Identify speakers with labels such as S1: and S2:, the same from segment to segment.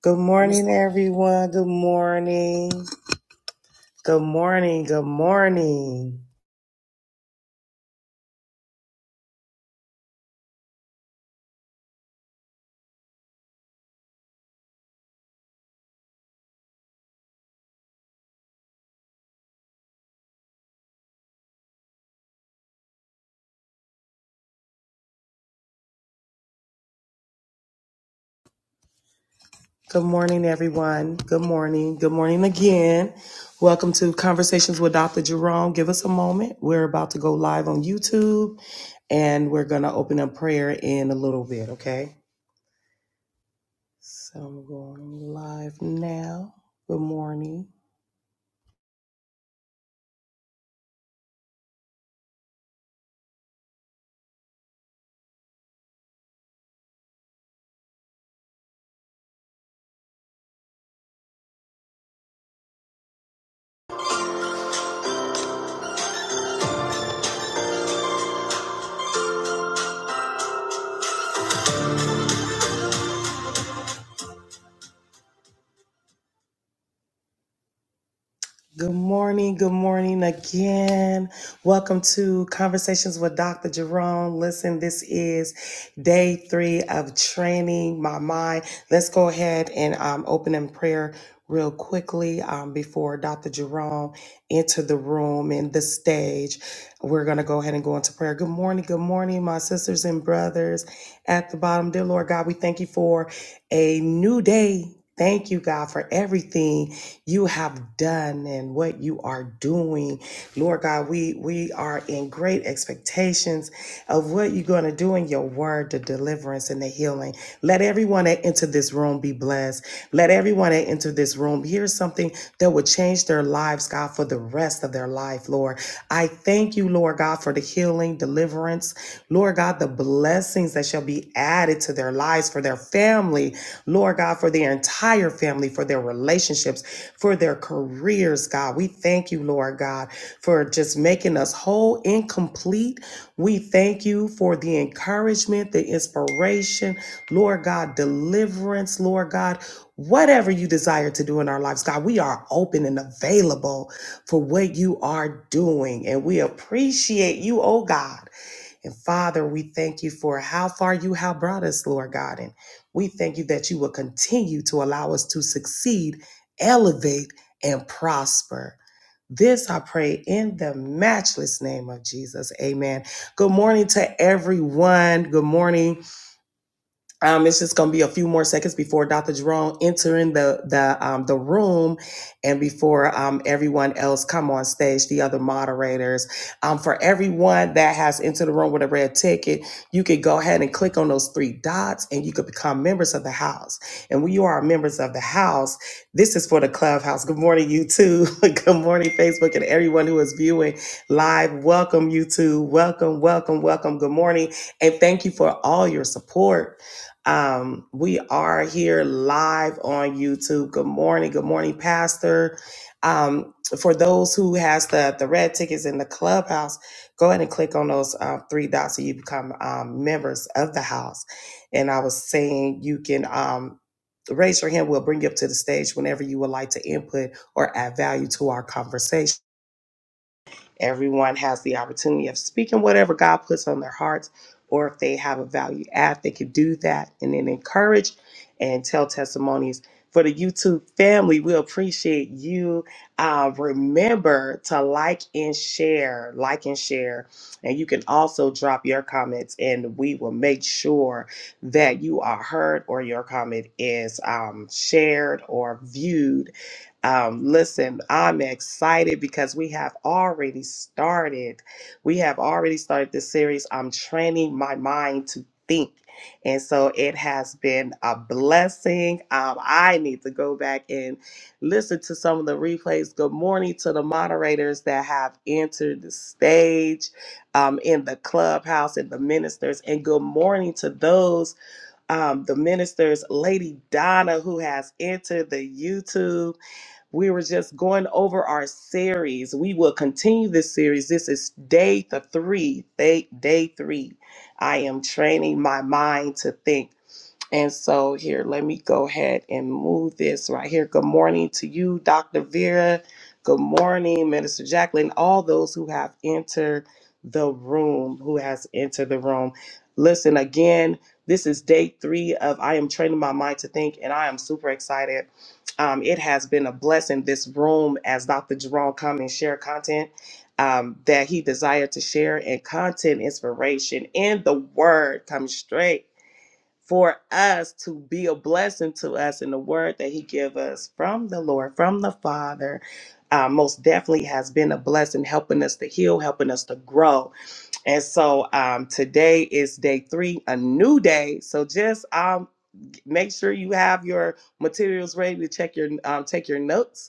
S1: Good morning, everyone. Good morning. Good morning. Good morning. Good morning, everyone. Good morning. Good morning again. Welcome to Conversations with Dr. Jerome. Give us a moment. We're about to go live on YouTube and we're going to open up prayer in a little bit, okay? So I'm going live now. Good morning. Good morning. Good morning again. Welcome to Conversations with Dr. Jerome. Listen, this is day three of training my mind. Let's go ahead and um, open in prayer real quickly um, before Dr. Jerome enter the room and the stage. We're going to go ahead and go into prayer. Good morning. Good morning, my sisters and brothers at the bottom. Dear Lord God, we thank you for a new day. Thank you, God, for everything you have done and what you are doing. Lord God, we, we are in great expectations of what you're going to do in your word, the deliverance and the healing. Let everyone that enter this room be blessed. Let everyone that enter this room hear something that would change their lives, God, for the rest of their life, Lord. I thank you, Lord God, for the healing, deliverance, Lord God, the blessings that shall be added to their lives, for their family, Lord God, for their entire family, for their relationships, for their careers, God. We thank you, Lord God, for just making us whole and complete. We thank you for the encouragement, the inspiration, Lord God, deliverance, Lord God whatever you desire to do in our lives, God, we are open and available for what you are doing. And we appreciate you, oh God. And Father, we thank you for how far you have brought us, Lord God. And we thank you that you will continue to allow us to succeed, elevate, and prosper. This I pray in the matchless name of Jesus. Amen. Good morning to everyone. Good morning. Um, it's just going to be a few more seconds before Dr. Jerome entering the the um, the room, and before um, everyone else come on stage, the other moderators. Um, for everyone that has entered the room with a red ticket, you could go ahead and click on those three dots, and you could become members of the house. And when you are members of the house, this is for the clubhouse. Good morning, YouTube. Good morning, Facebook, and everyone who is viewing live. Welcome, YouTube. Welcome, welcome, welcome. Good morning, and thank you for all your support. Um, we are here live on YouTube. Good morning, good morning, Pastor. Um, for those who has the the red tickets in the clubhouse, go ahead and click on those uh, three dots so you become um, members of the house. And I was saying you can um, raise your hand. We'll bring you up to the stage whenever you would like to input or add value to our conversation. Everyone has the opportunity of speaking whatever God puts on their hearts, or if they have a value add, they could do that and then encourage and tell testimonies. For the YouTube family, we appreciate you. Uh, remember to like and share, like and share. And you can also drop your comments, and we will make sure that you are heard or your comment is um, shared or viewed um, listen, I'm excited because we have already started. We have already started this series. I'm training my mind to think. And so it has been a blessing. Um, I need to go back and listen to some of the replays. Good morning to the moderators that have entered the stage um, in the clubhouse and the ministers. And good morning to those, um, the ministers, Lady Donna, who has entered the YouTube. We were just going over our series. We will continue this series. This is day the three, day, day three. I am training my mind to think. And so here, let me go ahead and move this right here. Good morning to you, Dr. Vera. Good morning, Minister Jacqueline. All those who have entered the room, who has entered the room. Listen again. This is day three of I am training my mind to think, and I am super excited. Um, it has been a blessing this room as Dr. Jerome come and share content um, that he desired to share and content inspiration and the word comes straight for us to be a blessing to us in the word that he give us from the lord from the father uh, most definitely has been a blessing helping us to heal helping us to grow and so um, today is day three a new day so just um, make sure you have your materials ready to check your um, take your notes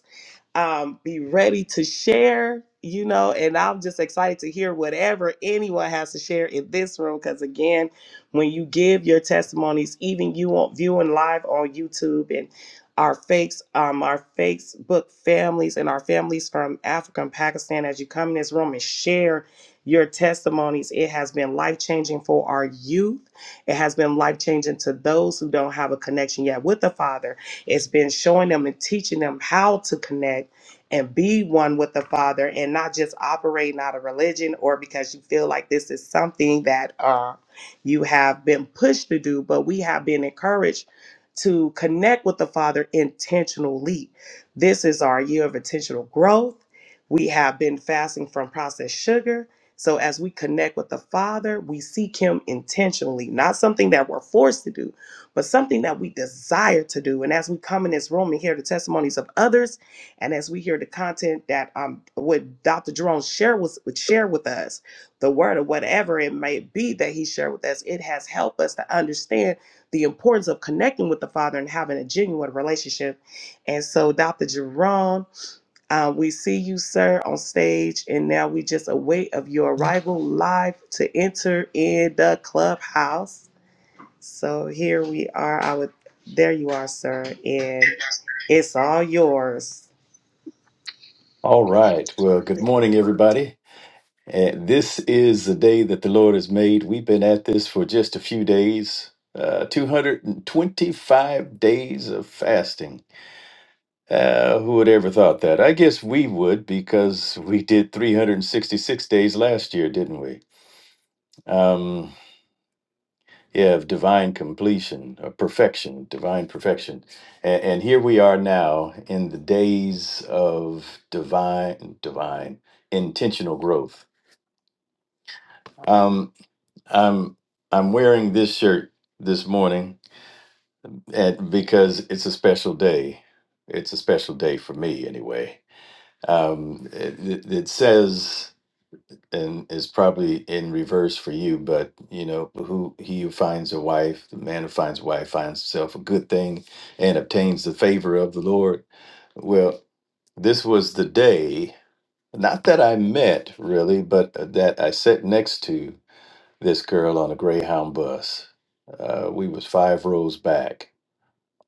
S1: um, be ready to share, you know, and I'm just excited to hear whatever anyone has to share in this room. Because again, when you give your testimonies, even you on viewing live on YouTube and our fakes, um, our Facebook families and our families from Africa and Pakistan, as you come in this room and share your testimonies, it has been life changing for our youth. It has been life changing to those who don't have a connection yet with the Father it's been showing them and teaching them how to connect and be one with the Father and not just operating out of religion or because you feel like this is something that uh, you have been pushed to do, but we have been encouraged to connect with the Father intentionally. This is our year of intentional growth. We have been fasting from processed sugar. So as we connect with the Father, we seek Him intentionally, not something that we're forced to do, but something that we desire to do. And as we come in this room and hear the testimonies of others, and as we hear the content that um what Dr. Jerome share was would share with us, the word or whatever it may be that he shared with us, it has helped us to understand the importance of connecting with the Father and having a genuine relationship. And so, Dr. Jerome, uh, we see you, sir, on stage, and now we just await of your arrival live to enter in the clubhouse. So here we are. I would there you are, sir, and it's all yours.
S2: All right. Well, good morning, everybody. And this is the day that the Lord has made. We've been at this for just a few days, uh, 225 days of fasting. Uh, who would ever thought that? I guess we would because we did 366 days last year, didn't we? Um, yeah, of divine completion, of perfection, divine perfection. And, and here we are now in the days of divine, divine intentional growth Um, I'm I'm wearing this shirt this morning at, because it's a special day. It's a special day for me, anyway. Um, it, it it says, and is probably in reverse for you, but you know, who he who finds a wife, the man who finds a wife finds himself a good thing and obtains the favor of the Lord. Well, this was the day, not that I met really, but uh, that I sat next to this girl on a Greyhound bus. Uh, we was five rows back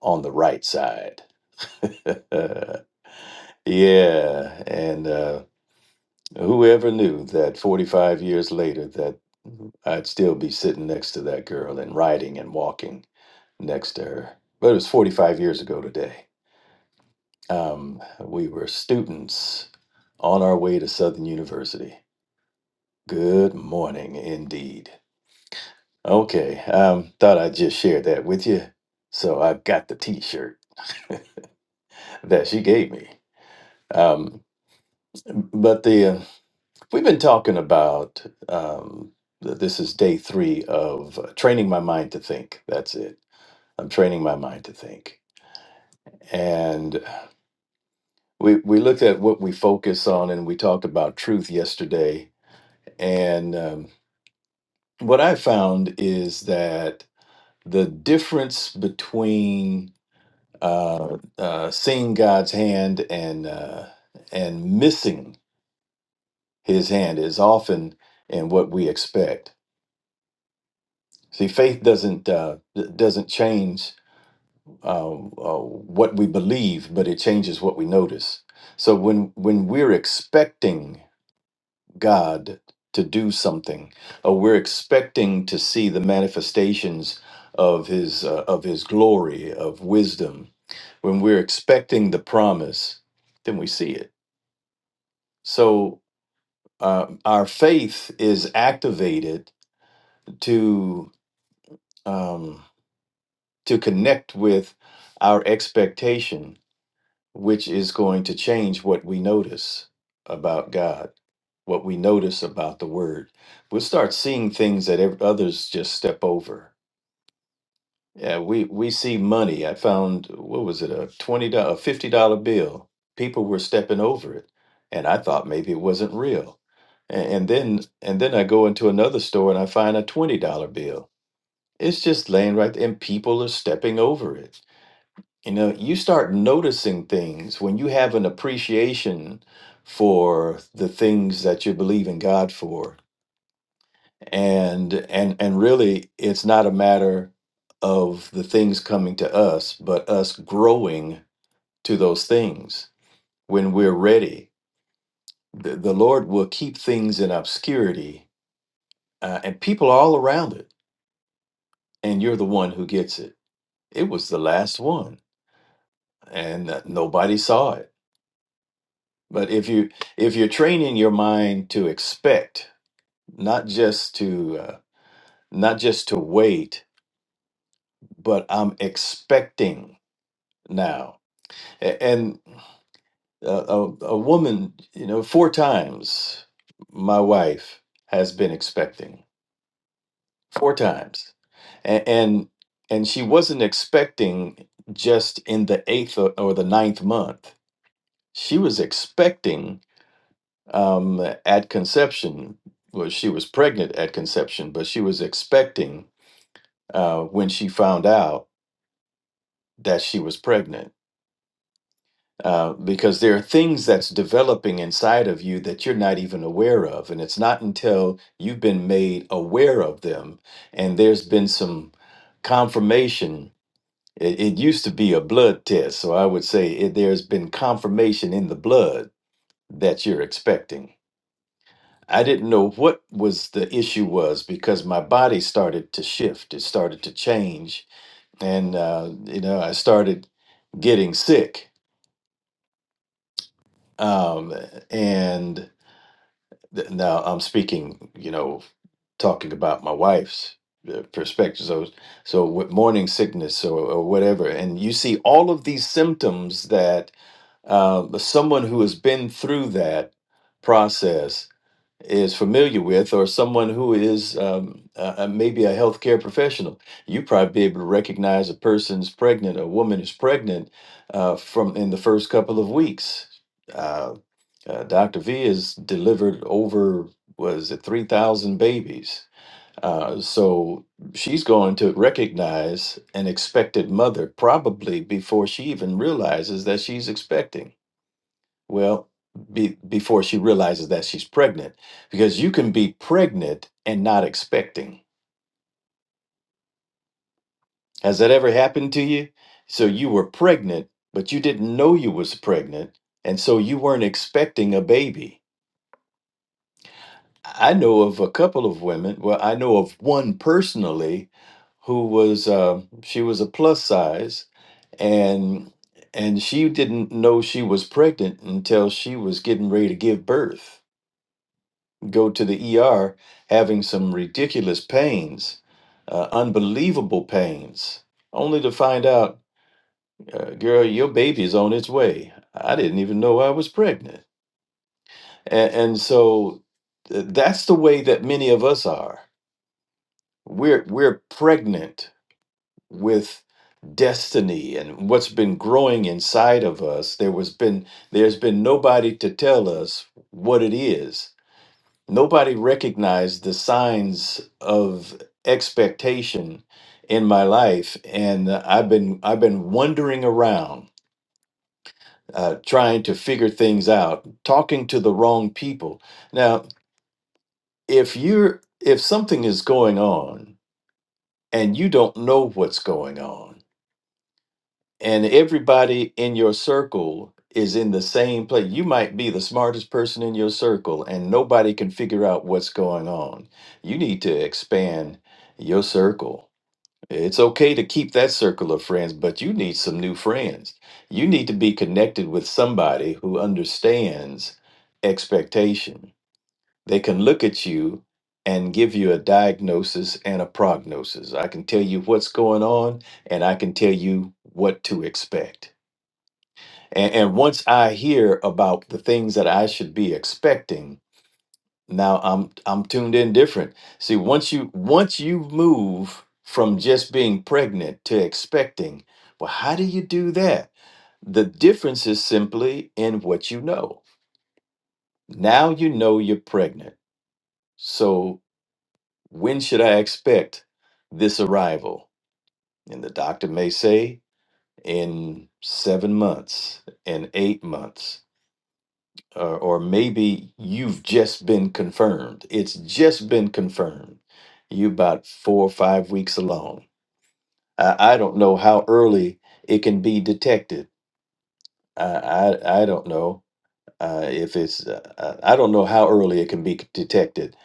S2: on the right side. yeah, and uh, whoever knew that 45 years later that I'd still be sitting next to that girl and riding and walking next to her. But it was 45 years ago today. Um, we were students on our way to Southern University. Good morning indeed. Okay, um, thought I'd just share that with you. So I've got the T-shirt that she gave me. Um, but the uh, we've been talking about um, th- this is day three of uh, training my mind to think. That's it. I'm training my mind to think, and we we looked at what we focus on, and we talked about truth yesterday. And um, what I found is that the difference between uh, uh, seeing God's hand and uh, and missing His hand is often in what we expect. See, faith doesn't uh, d- doesn't change uh, uh, what we believe, but it changes what we notice. So when when we're expecting God to do something, or we're expecting to see the manifestations of His uh, of His glory, of wisdom, when we're expecting the promise, then we see it So uh, our faith is activated to um, to connect with our expectation, which is going to change what we notice about God, what we notice about the Word. We'll start seeing things that ev- others just step over Yeah, we we see money. I found what was it a twenty dollar, fifty dollar bill. People were stepping over it, and I thought maybe it wasn't real. And, and then and then I go into another store and I find a twenty dollar bill. It's just laying right there, and people are stepping over it. You know, you start noticing things when you have an appreciation for the things that you believe in God for and and and really it's not a matter of the things coming to us but us growing to those things when we're ready the, the lord will keep things in obscurity uh, and people are all around it and you're the one who gets it it was the last one and uh, nobody saw it but if you if you're training your mind to expect not just to uh, not just to wait but i'm expecting now A- And a, a, a woman, you know, four times my wife has been expecting, four times. And, and, and she wasn't expecting just in the eighth or or the ninth month. She was expecting um, at conception, well, she was pregnant at conception, but she was expecting uh, when she found out that she was pregnant uh, because there are things that's developing inside of you that you're not even aware of. And it's not until you've been made aware of them and there's been some confirmation. It, it used to be a blood test. So I would say it, there's been confirmation in the blood that you're expecting. I didn't know what was the issue was because my body started to shift. It started to change. And, uh, you know, I started getting sick. Um, and Th- Now I'm speaking, you know, talking about my wife's uh, perspective. So, so with morning sickness or, or whatever, and you see all of these symptoms that uh, someone who has been through that process is familiar with, or someone who is um, uh, uh, maybe a healthcare professional. You probably be able to recognize a person's pregnant, a woman is pregnant uh, from in the first couple of weeks. Uh, uh, Dr. V has delivered over, was it 3,000 babies? Uh, so she's going to recognize an expected mother probably before she even realizes that she's expecting. Well, be, before she realizes that she's pregnant, because you can be pregnant and not expecting. Has that ever happened to you? So you were pregnant, but you didn't know you was pregnant, and so you weren't expecting a baby I know of a couple of women. Well, I know of one personally who was uh, she was a plus size and and she didn't know she was pregnant until she was getting ready to give birth, go to the ER having some ridiculous pains, uh, unbelievable pains, only to find out, uh, girl, your baby is on its way. I didn't even know I was pregnant. And, and so th- that's the way that many of us are We're we're pregnant with destiny and what's been growing inside of us. There was been there's been nobody to tell us what it is. Nobody recognized the signs of expectation in my life, and I've been I've been wandering around uh, trying to figure things out, talking to the wrong people. Now, if you're if something is going on and you don't know what's going on and everybody in your circle is in the same place. You might be the smartest person in your circle, and nobody can figure out what's going on. You need to expand your circle. It's okay to keep that circle of friends, but you need some new friends. You need to be connected with somebody who understands expectation. They can look at you and give you a diagnosis and a prognosis. I can tell you what's going on, and I can tell you what to expect and, and once I hear about the things that I should be expecting, now I'm I'm tuned in different. See, once you once you move from just being pregnant to expecting, well, how do you do that? The difference is simply in what you know. Now you know you're pregnant. So when should I expect this arrival? And the doctor may say in seven months, in eight months. or, or maybe you've just been confirmed. It's just been confirmed. You about four or five weeks along. I, I don't know how early it can be detected. I I, I don't know uh, if it's. Uh, uh, I don't know how early it can be c- detected.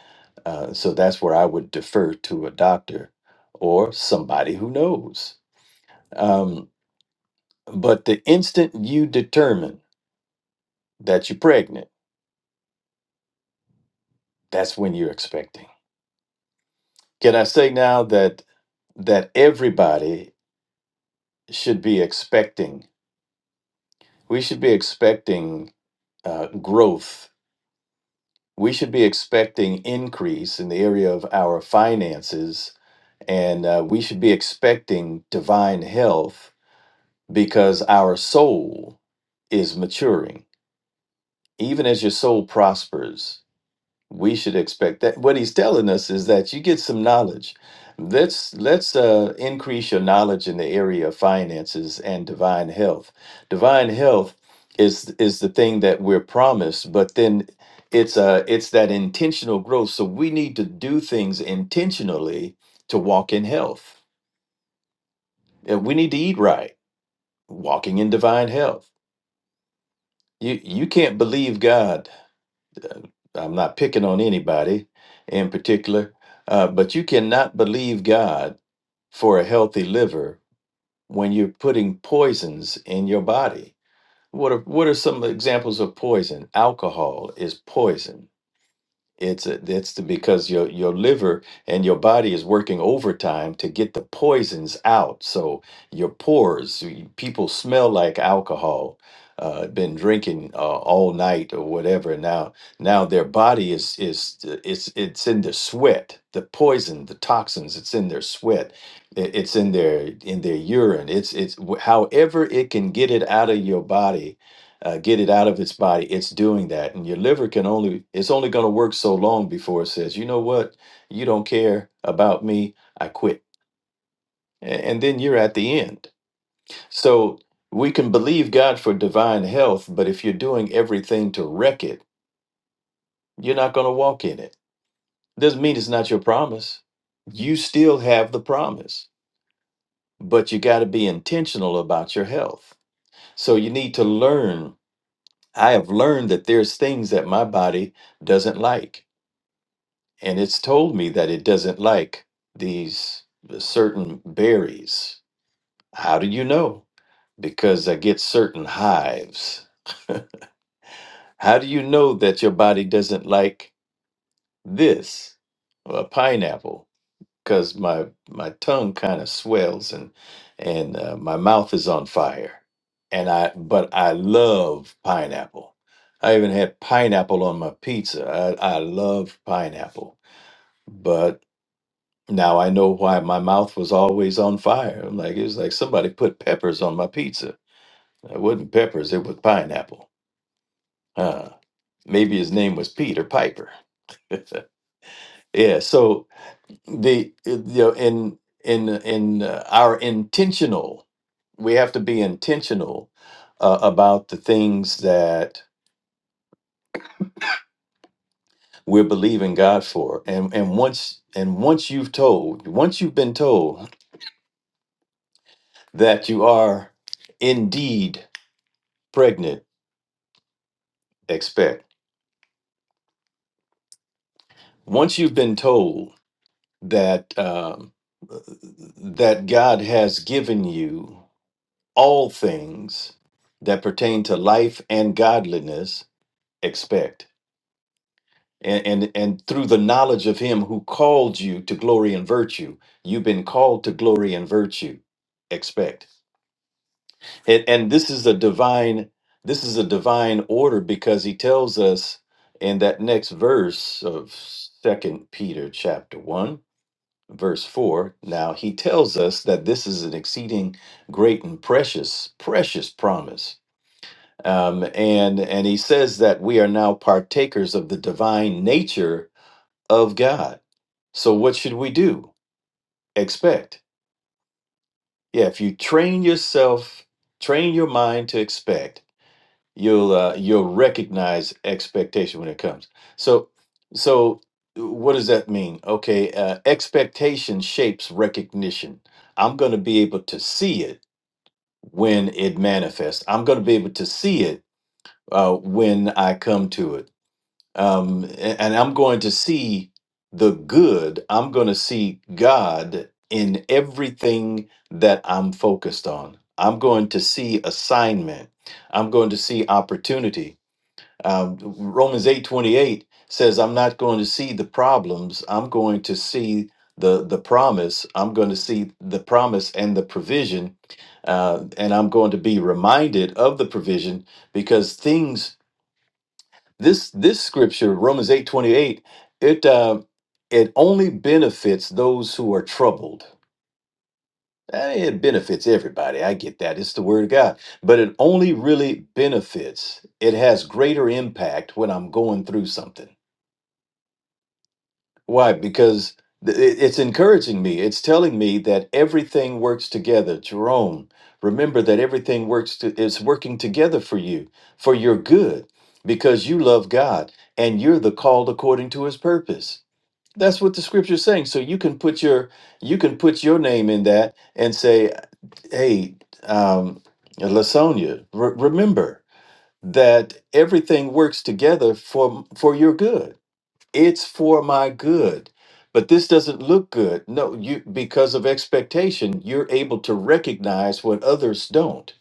S2: Uh, so that's where I would defer to a doctor or somebody who knows. Um, but the instant you determine that you're pregnant, that's when you're expecting. Can I say now that? that everybody should be expecting. We should be expecting uh, growth. We should be expecting increase in the area of our finances. And uh, we should be expecting divine health because our soul is maturing. Even as your soul prospers, we should expect that what he's telling us is that you get some knowledge let's let's uh, increase your knowledge in the area of finances and divine health divine health is is the thing that we're promised but then it's uh it's that intentional growth so we need to do things intentionally to walk in health and we need to eat right walking in divine health you you can't believe god I'm not picking on anybody in particular, uh, but you cannot believe God for a healthy liver when you're putting poisons in your body. What are what are some examples of poison? Alcohol is poison it's a, it's the, because your your liver and your body is working overtime to get the poisons out. So your pores, y- people smell like alcohol. Uh, been drinking uh, all night or whatever. Now now their body is is uh, it's it's in their sweat. The poison, the toxins, it's in their sweat. It, it's in their in their urine. It's it's wh- however it can get it out of your body uh, get it out of its body it's doing that and your liver can only it's only going to work so long before it says you know what you don't care about me i quit A- and then you're at the end so we can believe god for divine health but if you're doing everything to wreck it you're not going to walk in it doesn't mean it's not your promise you still have the promise but you got to be intentional about your health so you need to learn i have learned that there's things that my body doesn't like and it's told me that it doesn't like these uh, certain berries. How do you know? Because I get certain hives. How do you know that your body doesn't like this, a pineapple? Because my my tongue kind of swells and and uh, my mouth is on fire. And I but I love pineapple. I even had pineapple on my pizza. I, I love pineapple but. Now I know why my mouth was always on fire. Like it was like somebody put peppers on my pizza. It wasn't peppers, it was pineapple. Uh, maybe his name was Peter Piper. yeah. So the uh, you know in in in uh, our intentional, we have to be intentional uh, about the things that we're believing God for. And and once and once you've told, once you've been told that you are indeed pregnant expect. Once you've been told that um, that God has given you all things that pertain to life and godliness, expect. And, and and through the knowledge of him who called you to glory and virtue, you've been called to glory and virtue. Expect. And, and this is a divine this is a divine order because he tells us in that next verse of second Peter chapter 1 verse 4 now he tells us that this is an exceeding great and precious precious promise um, and and he says that we are now partakers of the divine nature of god so what should we do expect yeah if you train yourself train your mind to expect you'll uh, you'll recognize expectation when it comes so so what does that mean okay uh, expectation shapes recognition i'm going to be able to see it when it manifests i'm going to be able to see it uh, when i come to it um, a- and i'm going to see the good i'm going to see god in everything that i'm focused on i'm going to see assignment i'm going to see opportunity um, Romans eight twenty eight says, "I'm not going to see the problems. I'm going to see the the promise. I'm going to see the promise and the provision, uh, and I'm going to be reminded of the provision because things this this scripture Romans eight twenty eight it uh, it only benefits those who are troubled." Eh, It benefits everybody. I get that. It's the word of God. But it only really benefits, it has greater impact when I'm going through something Why? Because th- it- it's encouraging me. It's telling me that everything works together. Jerome, remember that everything works to, is working together for you, for your good, because you love God and you're the called according to his purpose. That's what the scripture is saying. So you can put your you can put your name in that and say, "Hey, um, Lasonia, re- remember that everything works together for for your good." it's for my good but this doesn't look good no you because of expectation you're able to recognize what others don't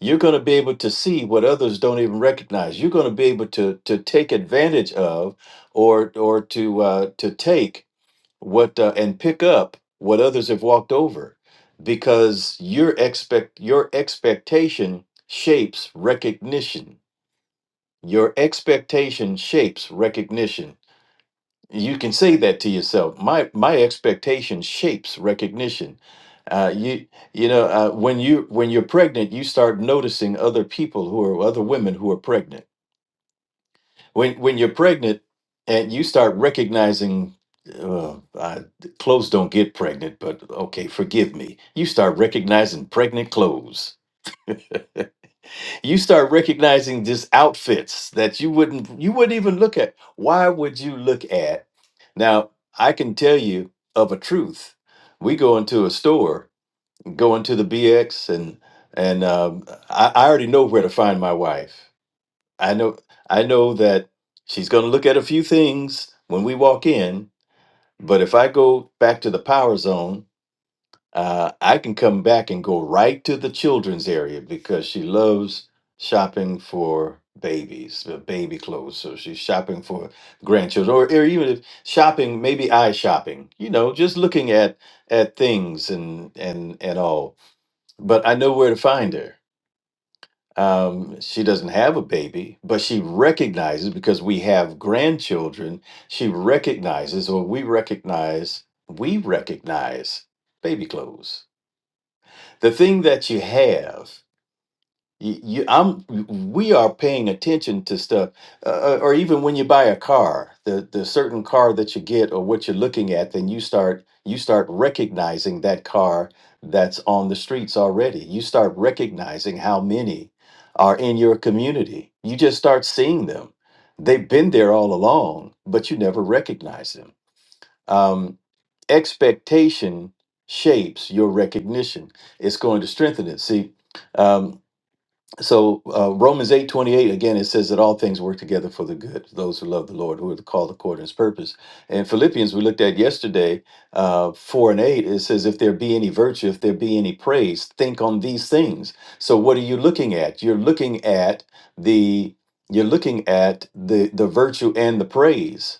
S2: you're going to be able to see what others don't even recognize you're going to be able to to take advantage of or or to uh to take what uh, and pick up what others have walked over because your expect your expectation shapes recognition your expectation shapes recognition you can say that to yourself my my expectation shapes recognition uh, you you know uh, when you when you're pregnant you start noticing other people who are other women who are pregnant when when you're pregnant and you start recognizing uh, uh, clothes don't get pregnant but okay forgive me you start recognizing pregnant clothes you start recognizing just outfits that you wouldn't you wouldn't even look at why would you look at now i can tell you of a truth we go into a store go into the bx and and um, I, I already know where to find my wife i know i know that she's going to look at a few things when we walk in but if i go back to the power zone uh, I can come back and go right to the children's area because she loves shopping for babies, the baby clothes. So she's shopping for grandchildren, or, or even if shopping, maybe eye shopping. You know, just looking at at things and and and all. But I know where to find her. Um, she doesn't have a baby, but she recognizes because we have grandchildren. She recognizes, or we recognize, we recognize baby clothes the thing that you have you, you i'm we are paying attention to stuff uh, uh, or even when you buy a car the the certain car that you get or what you're looking at then you start you start recognizing that car that's on the streets already you start recognizing how many are in your community you just start seeing them they've been there all along but you never recognize them um, expectation shapes your recognition. It's going to strengthen it. See, um, so uh, Romans eight twenty eight again, it says that all things work together for the good, to those who love the Lord, who are called according to his purpose. And Philippians, we looked at yesterday, uh, 4 and 8, it says, if there be any virtue, if there be any praise, think on these things. So what are you looking at? You're looking at the you're looking at the the virtue and the praise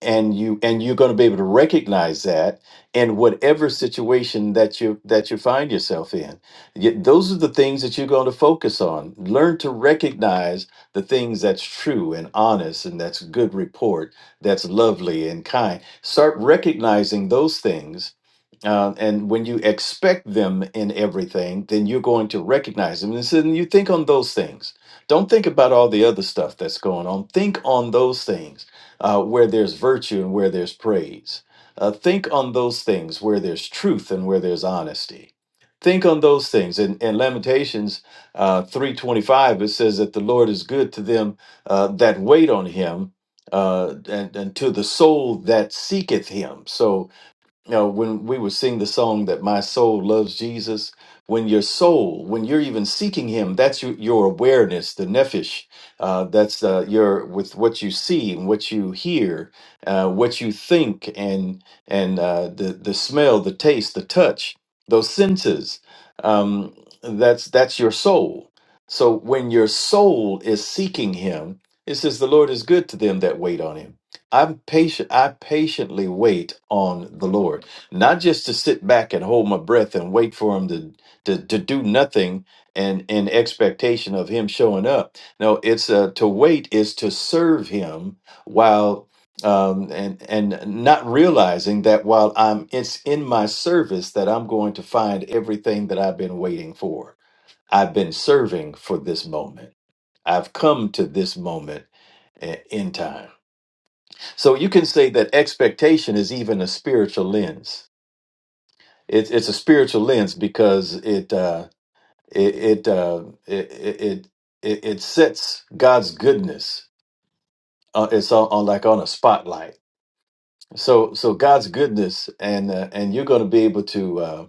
S2: and you and you're going to be able to recognize that in whatever situation that you that you find yourself in Y- those are the things that you're going to focus on learn to recognize the things that's true and honest and that's good report that's lovely and kind start recognizing those things uh, and when you expect them in everything, then you're going to recognize them. And so then you think on those things. Don't think about all the other stuff that's going on. Think on those things uh, where there's virtue and where there's praise. Uh, think on those things where there's truth and where there's honesty. Think on those things. In, in Lamentations uh, 3.25, it says that the Lord is good to them uh, that wait on him uh, and, and to the soul that seeketh him. So you know, when we would sing the song that my soul loves Jesus, when your soul, when you're even seeking Him, that's your, your awareness, the nephesh. Uh, that's uh, your with what you see and what you hear, uh, what you think, and and uh, the the smell, the taste, the touch, those senses. Um, that's that's your soul. So when your soul is seeking Him, it says the Lord is good to them that wait on Him. I'm patient. I patiently wait on the Lord, not just to sit back and hold my breath and wait for Him to to, to do nothing and in expectation of Him showing up. No, it's uh, to wait is to serve Him while um, and and not realizing that while I'm it's in my service that I'm going to find everything that I've been waiting for. I've been serving for this moment. I've come to this moment eh, in time. So you can say that expectation is even a spiritual lens. It's it's a spiritual lens because it uh, it it, uh, it it it it sets God's goodness. Uh, it's on, on like on a spotlight. So so God's goodness and uh, and you're going to be able to uh,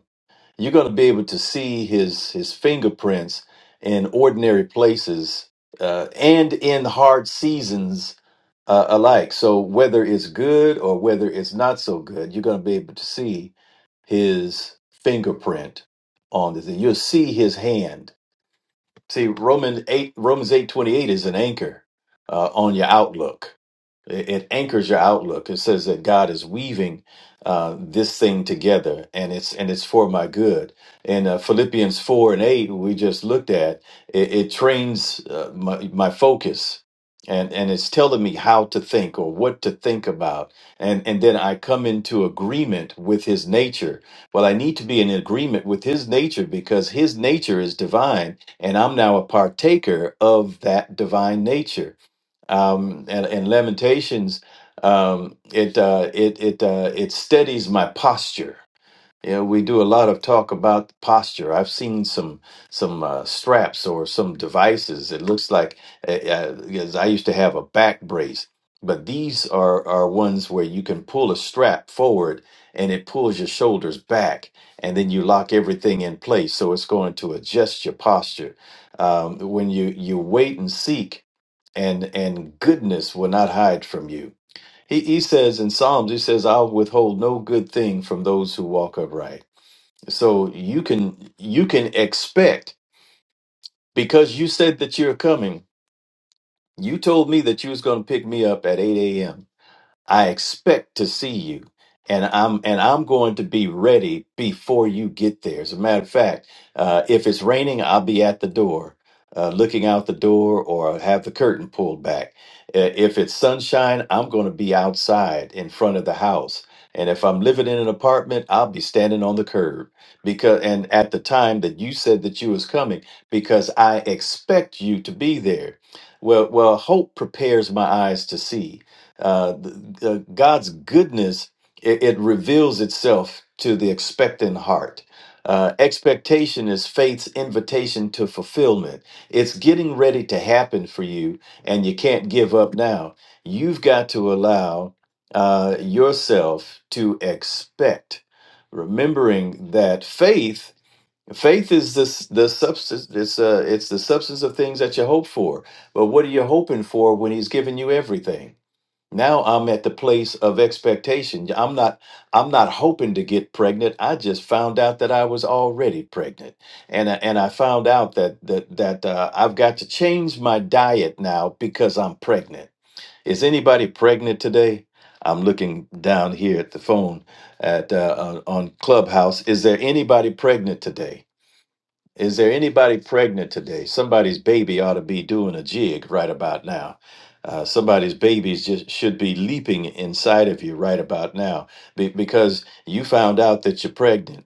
S2: you're going to be able to see His His fingerprints in ordinary places uh, and in hard seasons uh, alike. So whether it's good or whether it's not so good, you're going to be able to see his fingerprint on this, thing. You'll see his hand. See Romans eight Romans eight twenty eight is an anchor uh, on your outlook it, it anchors your outlook. It says that God is weaving uh, this thing together, and it's and it's for my good. In uh, Philippians four and eight, we just looked at, it, it trains uh, my, my focus, and and it's telling me how to think or what to think about, and and then I come into agreement with His nature. Well, I need to be in agreement with His nature because His nature is divine, and I'm now a partaker of that divine nature um, and, and Lamentations, um, it uh, it it uh, it steadies my posture. You know, we do a lot of talk about posture. I've seen some some uh, straps or some devices. It looks like uh, uh, 'cause I used to have a back brace, but these are are ones where you can pull a strap forward and it pulls your shoulders back, and then you lock everything in place. So it's going to adjust your posture. Um, when you you wait and seek, and and goodness will not hide from you. He he says in Psalms, he says, I'll withhold no good thing from those who walk upright. So you can you can expect because you said that you're coming. You told me that you was going to pick me up at 8 a.m. I expect to see you. And I'm and I'm going to be ready before you get there. As a matter of fact, uh, if it's raining, I'll be at the door, uh, looking out the door, or have the curtain pulled back. Uh, If it's sunshine, I'm going to be outside in front of the house. And if I'm living in an apartment, I'll be standing on the curb because and at the time that you said that you was coming, because I expect you to be there. Well, well, hope prepares my eyes to see uh, the, the- God's goodness it, it reveals itself to the expectant heart. Uh, expectation is faith's invitation to fulfillment. It's getting ready to happen for you, and you can't give up now. You've got to allow uh, yourself to expect, remembering that faith faith is this the substance it's uh it's the substance of things that you hope for but what are you hoping for when he's given you everything now I'm at the place of expectation. I'm not I'm not hoping to get pregnant. I just found out that I was already pregnant. And I, and I found out that that that uh, I've got to change my diet now because I'm pregnant. Is anybody pregnant today? I'm looking down here at the phone at uh, on on Clubhouse. Is there anybody pregnant today? Is there anybody pregnant today? Somebody's baby ought to be doing a jig right about now. Uh, somebody's babies just should be leaping inside of you right about now be- because you found out that you're pregnant.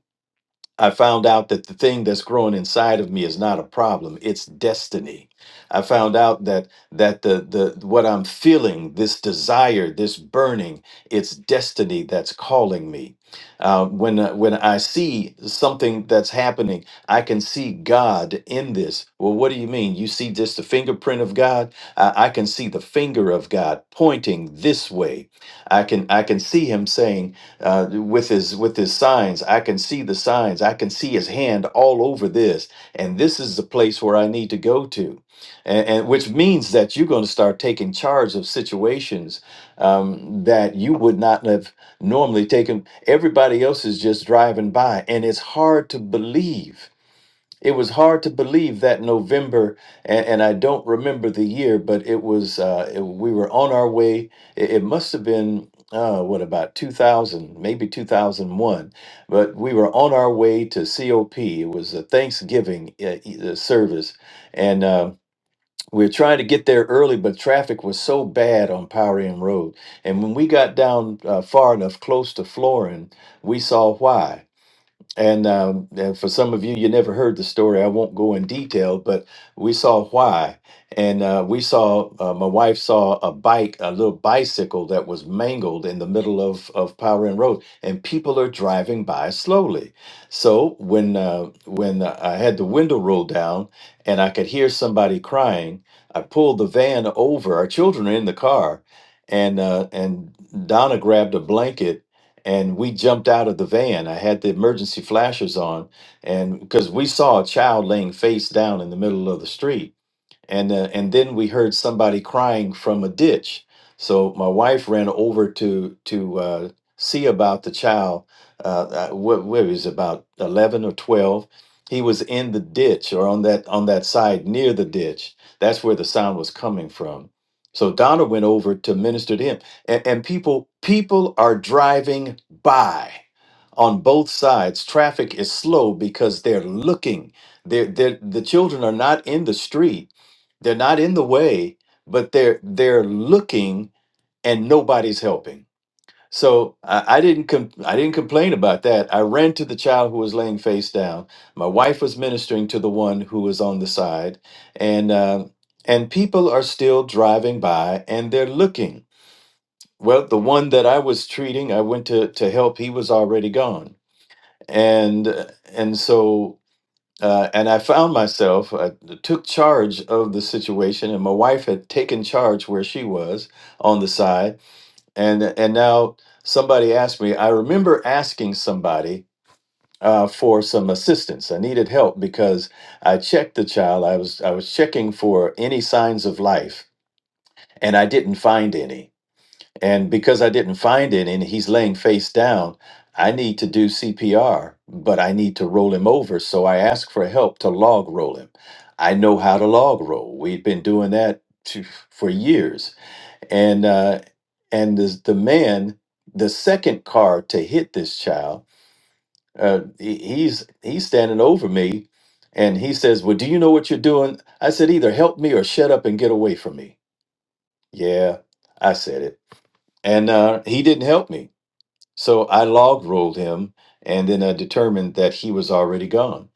S2: I found out that the thing that's growing inside of me is not a problem, it's destiny. I found out that that the the what I'm feeling, this desire, this burning, it's destiny that's calling me. Uh, when uh, when I see something that's happening, I can see God in this. Well, what do you mean? You see just the fingerprint of God? I, I can see the finger of God pointing this way I can I can see him saying uh, with his with his signs. I can see the signs. I can see his hand all over this, and this is the place where I need to go to, and, and which means that you're going to start taking charge of situations um, that you would not have normally taken. Everybody else is just driving by, and it's hard to believe it was hard to believe that November, and, and I don't remember the year, but it was, uh, it- we were on our way. It, it must have been, uh, what, about 2000, maybe 2001. But we were on our way to COP. It was a Thanksgiving uh, e- uh, service. And uh, we were trying to get there early, but traffic was so bad on Powerian Road. And when we got down uh, far enough close to Florin, we saw why and, um, and for some of you, you never heard the story. I won't go in detail, but we saw why. And uh, we saw, uh, my wife saw a bike, a little bicycle that was mangled in the middle of, of Power and Road, and people are driving by slowly. So when uh, when uh, I had the window rolled down and I could hear somebody crying, I pulled the van over. Our children are in the car, and uh, and Donna grabbed a blanket and we jumped out of the van. I had the emergency flashers on, and because we saw a child laying face down in the middle of the street and uh, and then we heard somebody crying from a ditch. So my wife ran over to to uh, see about the child. Uh, uh, what, what he was about eleven or twelve? He was in the ditch or on that on that side near the ditch. That's where the sound was coming from. So Donna went over to minister to him, and, and people people are driving by on both sides. Traffic is slow because they're looking. They're, they're, the children are not in the street they're not in the way, but they're they're looking and nobody's helping. So I, I didn't com- I didn't complain about that. I ran to the child who was laying face down. My wife was ministering to the one who was on the side, and um, and people are still driving by and they're looking. Well, the one that I was treating, I went to to help. He was already gone, and and so uh, and I found myself, I took charge of the situation, and my wife had taken charge where she was on the side. And, and now somebody asked me, I remember asking somebody uh, for some assistance. I needed help because I checked the child. I was, I was checking for any signs of life, and I didn't find any. And because I didn't find it and he's laying face down, I need to do CPR, but I need to roll him over. So I ask for help to log roll him. I know how to log roll. We've been doing that to, for years. And uh, and the, the man, the second car to hit this child, uh, he- he's he's standing over me, and he says, "Well, do you know what you're doing?" I said, "Either help me or shut up and get away from me." Yeah, I said it, and uh, he didn't help me so I log rolled him, and then I determined that he was already gone.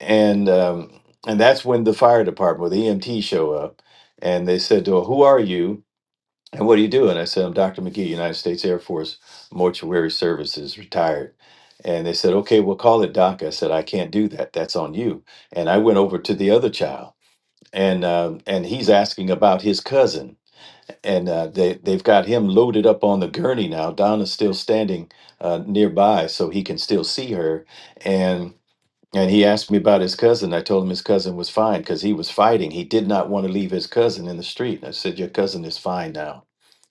S2: And um, and that's when the fire department, the EMT, show up, and they said to her, "Who are you?" And what are you doing?" I said, I'm Dr. McGee, United States Air Force Mortuary Services, retired. And they said, okay, we'll call it DOC. I said, I can't do that. That's on you. And I went over to the other child, and um, and he's asking about his cousin and uh, they they've got him loaded up on the gurney now. Donna's still standing uh, nearby, so he can still see her. And and he asked me about his cousin. I told him his cousin was fine because he was fighting. He did not want to leave his cousin in the street. And I said, "Your cousin is fine now.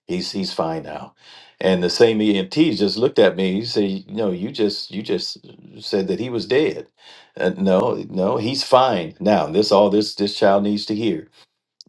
S2: He's he's fine now." And the same EMT just looked at me. He said, "No, you just you just said that he was dead. Uh, no, no, he's fine now. This all this this child needs to hear."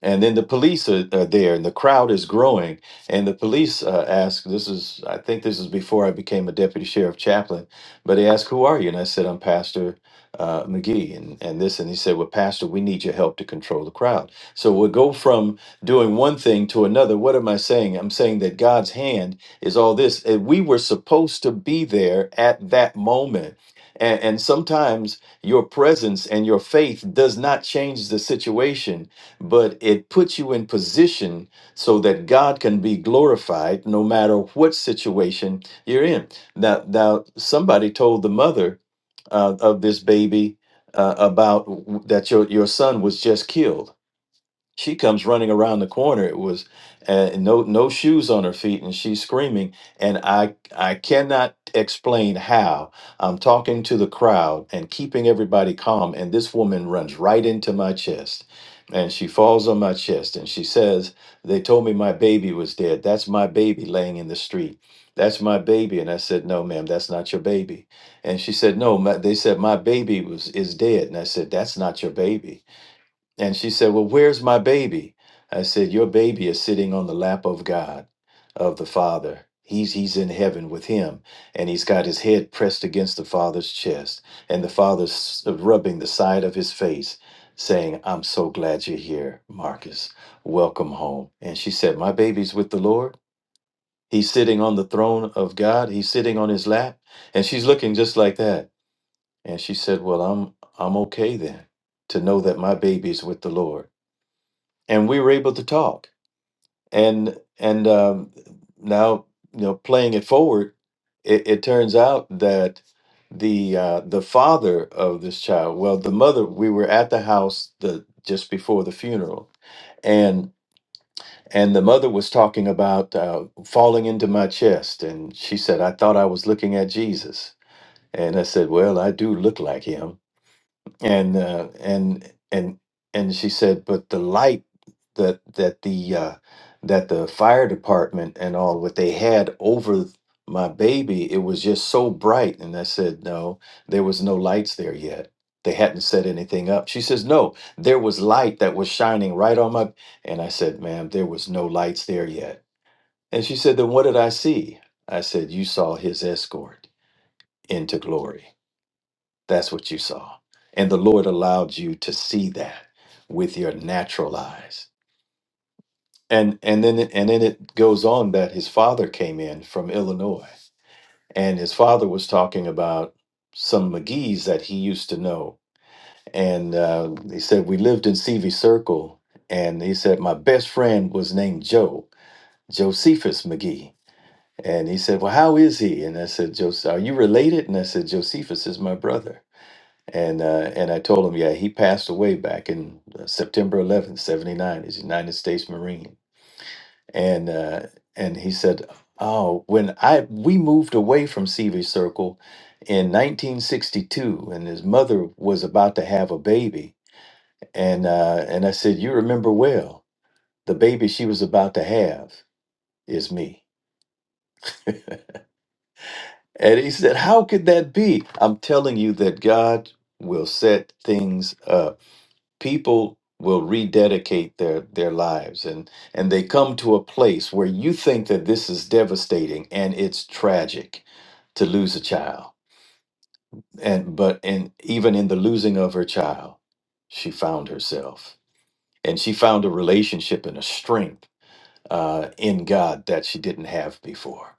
S2: and then the police are, are there and the crowd is growing and the police uh, ask this is i think this is before i became a deputy sheriff chaplain but they asked who are you and i said i'm pastor uh, mcgee and, and this and he said well pastor we need your help to control the crowd so we'll go from doing one thing to another what am i saying i'm saying that god's hand is all this and we were supposed to be there at that moment and, and sometimes your presence and your faith does not change the situation but it puts you in position so that God can be glorified no matter what situation you're in. Now, now somebody told the mother uh, of this baby uh, about w- that your your son was just killed she comes running around the corner. It was uh, no no shoes on her feet, and she's screaming. And I I cannot explain how I'm talking to the crowd and keeping everybody calm, and this woman runs right into my chest, and she falls on my chest, and she says, "They told me my baby was dead. That's my baby laying in the street." That's my baby, and I said, "No, ma'am, that's not your baby." And she said, "No, my, they said my baby was is dead," and I said, "That's not your baby." And she said, Well, where's my baby? I said, Your baby is sitting on the lap of God, of the Father. He's, he's in heaven with him, and he's got his head pressed against the Father's chest, and the Father's rubbing the side of his face, saying, I'm so glad you're here, Marcus. Welcome home. And she said, My baby's with the Lord. He's sitting on the throne of God. He's sitting on his lap. And she's looking just like that. And she said, Well, I'm I'm okay then to know that my baby's with the Lord and we were able to talk and and um, now you know playing it forward it, it turns out that the uh, the father of this child well the mother we were at the house the just before the funeral and and the mother was talking about uh, falling into my chest and she said i thought i was looking at jesus and i said well i do look like him and uh, and and and she said, but the light that that the uh, that the fire department and all what they had over my baby, it was just so bright. And I said, no, there was no lights there yet. They hadn't set anything up. She says, no, there was light that was shining right on my. And I said, ma'am, there was no lights there yet. And she said, then what did I see? I said, you saw his escort into glory. That's what you saw. And the Lord allowed you to see that with your natural eyes. And and then it, and then it goes on that his father came in from Illinois and his father was talking about some McGee's that he used to know. And uh, he said we lived in CV Circle and he said my best friend was named Joe, Josephus McGee. And he said, "Well, how is he?" And I said, "Jos, are you related?" And I said, "Josephus is my brother." And uh, and I told him, yeah, he passed away back in uh, September 11th, 79. He's a United States Marine. And uh, and he said, oh, when I we moved away from Seavey Circle in 1962, and his mother was about to have a baby. And uh, and I said, you remember well, the baby she was about to have is me. And he said, How could that be? I'm telling you that God will set things up people will rededicate their their lives and and they come to a place where you think that this is devastating and it's tragic to lose a child and but and even in the losing of her child she found herself and she found a relationship and a strength uh, in god that she didn't have before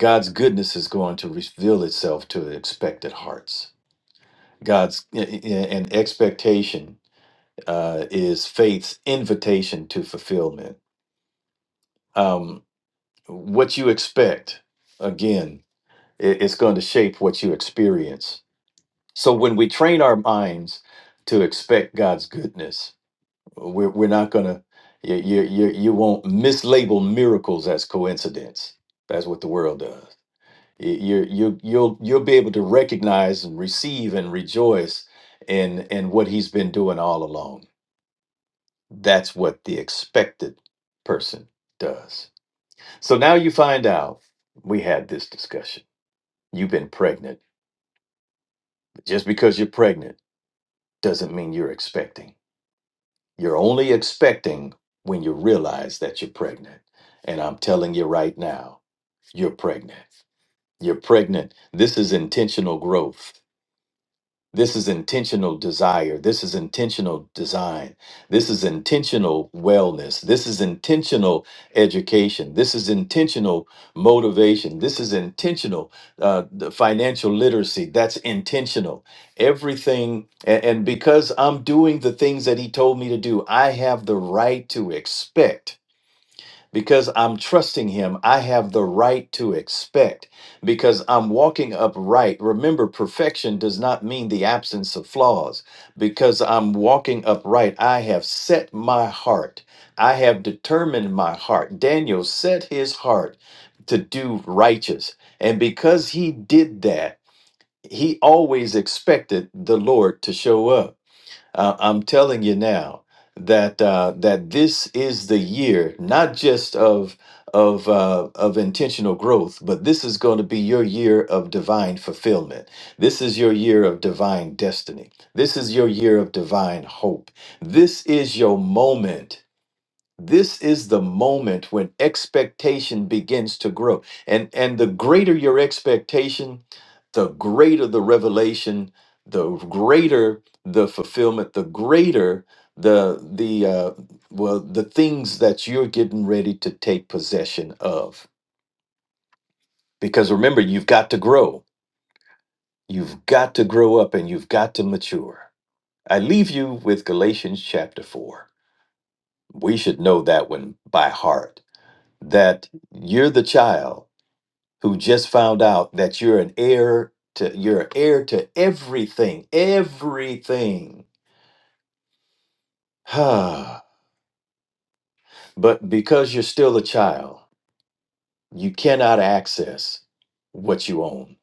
S2: god's goodness is going to reveal itself to expected hearts god's and expectation uh, is faith's invitation to fulfillment. Um, what you expect, again, i- it's going to shape what you experience. So when we train our minds to expect God's goodness, we're, we're not going to, you, you, you you won't mislabel miracles as coincidence. That's what the world does. You, you, you- you'll, you'll be able to recognize and receive and rejoice in, in what he's been doing all along That's what the expected person does. So now you find out we had this discussion. You've been pregnant. But just because you're pregnant doesn't mean you're expecting. You're only expecting when you realize that you're pregnant. And I'm telling you right now, you're pregnant. You're pregnant. This is intentional growth. This is intentional desire. This is intentional design. This is intentional wellness. This is intentional education. This is intentional motivation. This is intentional uh, the financial literacy. That's intentional. Everything. a- and because I'm doing the things that he told me to do, I have the right to expect because I'm trusting him. I have the right to expect because I'm walking upright. Remember, perfection does not mean the absence of flaws. Because I'm walking upright, I have set my heart. I have determined my heart. Daniel set his heart to do righteous. And because he did that, he always expected the Lord to show up. Uh, I'm telling you now that uh, that this is the year, not just of of uh, of intentional growth, but this is going to be your year of divine fulfillment. This is your year of divine destiny. This is your year of divine hope. This is your moment this is the moment when expectation begins to grow and and the greater your expectation the greater the revelation the greater the fulfillment the greater the the uh well the things that you're getting ready to take possession of because remember you've got to grow you've got to grow up and you've got to mature i leave you with galatians chapter 4 we should know that one by heart that you're the child who just found out that you're an heir to you're an heir to everything everything but because you're still a child you cannot access what you own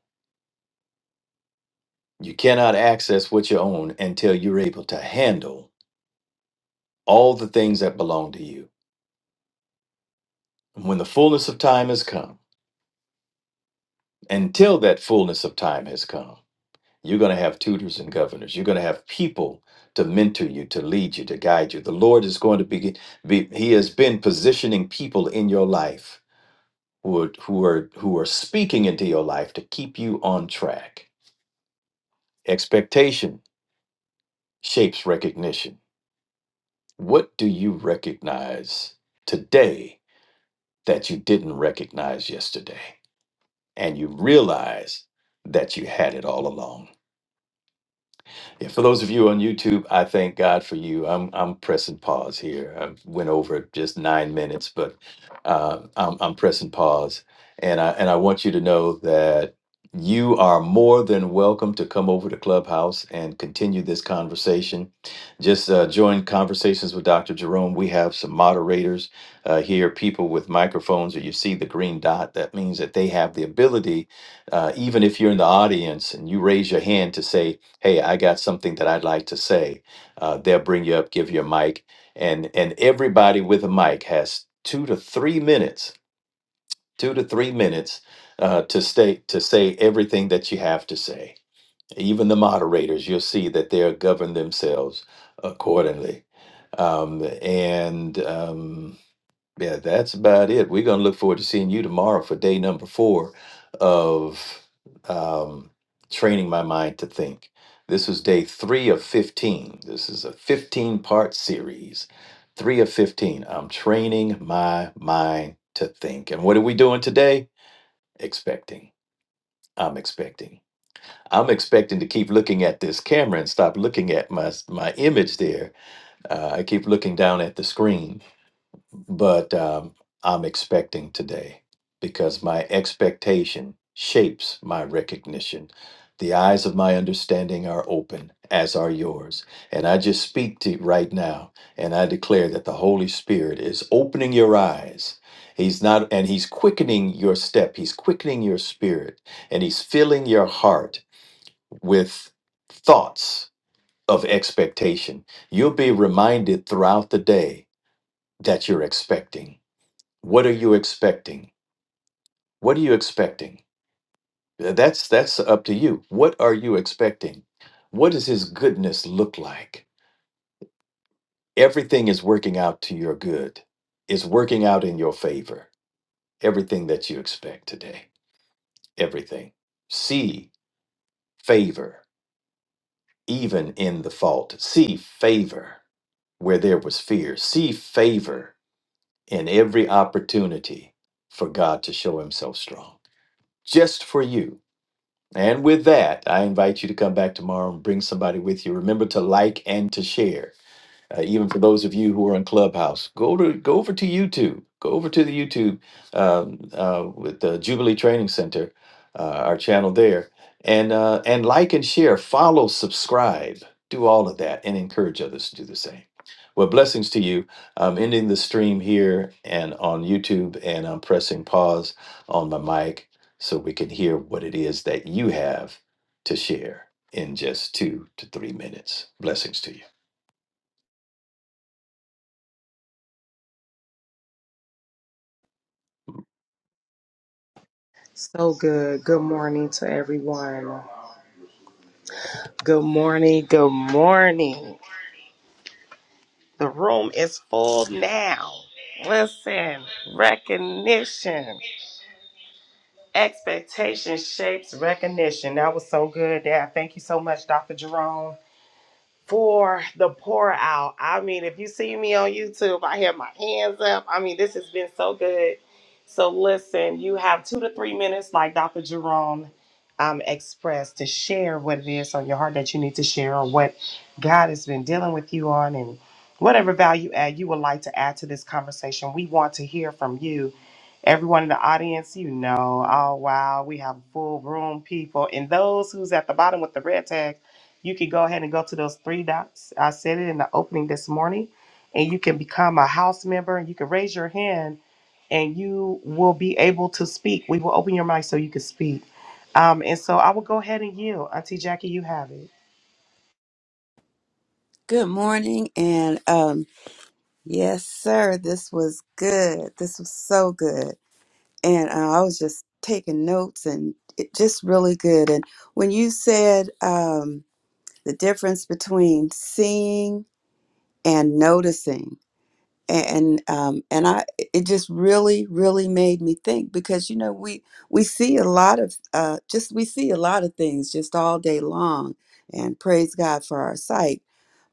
S2: you cannot access what you own until you're able to handle all the things that belong to you when the fullness of time has come until that fullness of time has come You're going to have tutors and governors. You're going to have people to mentor you, to lead you, to guide you. The Lord is going to be, be He has been positioning people in your life who are, who are who are speaking into your life to keep you on track. Expectation shapes recognition. What do you recognize today that you didn't recognize yesterday? And you realize that you had it all along. Yeah, for those of you on YouTube, I thank God for you. I'm I'm pressing pause here. I went over just nine minutes, but uh, I'm I'm pressing pause, and I and I want you to know that you are more than welcome to come over to Clubhouse and continue this conversation. Just uh, join conversations with Dr. Jerome. We have some moderators uh, here, people with microphones, or you see the green dot. That means that they have the ability, uh, even if you're in the audience and you raise your hand to say hey i got something that i'd like to say uh, they'll bring you up give you a mic and and everybody with a mic has two to three minutes two to three minutes uh, to stay to say everything that you have to say even the moderators you'll see that they'll govern themselves accordingly um, and um, yeah, that's about it. We're going to look forward to seeing you tomorrow for day number four of um, training my mind to think. This is day three of 15. This is a 15 part series. Three of 15. I'm training my mind to think. And what are we doing today? Expecting. I'm expecting. I'm expecting to keep looking at this camera and stop looking at my my image there. Uh, I keep looking down at the screen but um, I'm expecting today because my expectation shapes my recognition. The eyes of my understanding are open, as are yours. And I just speak to you right now, and I declare that the Holy Spirit is opening your eyes. He's not, and He's quickening your step, He's quickening your spirit, and He's filling your heart with thoughts of expectation. You'll be reminded throughout the day that you're expecting what are you expecting what are you expecting Uh, that's that's up to you what are you expecting what does his goodness look like everything is working out to your good it's working out in your favor everything that you expect today everything see favor even in the fault see favor where there was fear see favor in every opportunity for god to show himself strong just for you And with that, I invite you to come back tomorrow and bring somebody with you. Remember to like and to share. Uh, even for those of you who are in Clubhouse, go to go over to YouTube. Go over to the YouTube um, uh, with the Jubilee Training Center, uh, our channel there, and uh, and like and share, follow, subscribe, do all of that, and encourage others to do the same. Well, blessings to you. I'm ending the stream here and on YouTube, and I'm pressing pause on my mic so we can hear what it is that you have to share in just two to three minutes. Blessings to you.
S1: So good. Good morning to everyone. Good morning. Good morning. The room is full now. Listen, recognition. Expectation shapes recognition. That was so good. Dad. Thank you so much, Dr. Jerome. for the pour out. I mean, if you see me on YouTube, I have my hands up. I mean, this has been so good. So listen, you have two to three minutes, like Dr. Jerome um, expressed, to share what it is on your heart that you need to share, or what God has been dealing with you on, and whatever value add you would like to add to this conversation. We want to hear from you. Everyone in the audience, you know, oh wow, we have a full room, people, and those who's at the bottom with the red tag. You can go ahead and go to those three dots. I said it in the opening this morning, and you can become a house member and you can raise your hand and you will be able to speak. We will open your mic so you can speak. Um, and so I will go ahead and yield. Auntie Jackie, you have it.
S3: Good morning, and um, yes, sir, this was good. This was so good, and uh, I was just taking notes, and it just really good. And when you said um, the difference between seeing and noticing, and um, and I, it just really, really made me think because you know we we see a lot of uh, just we see a lot of things just all day long, and praise God for our sight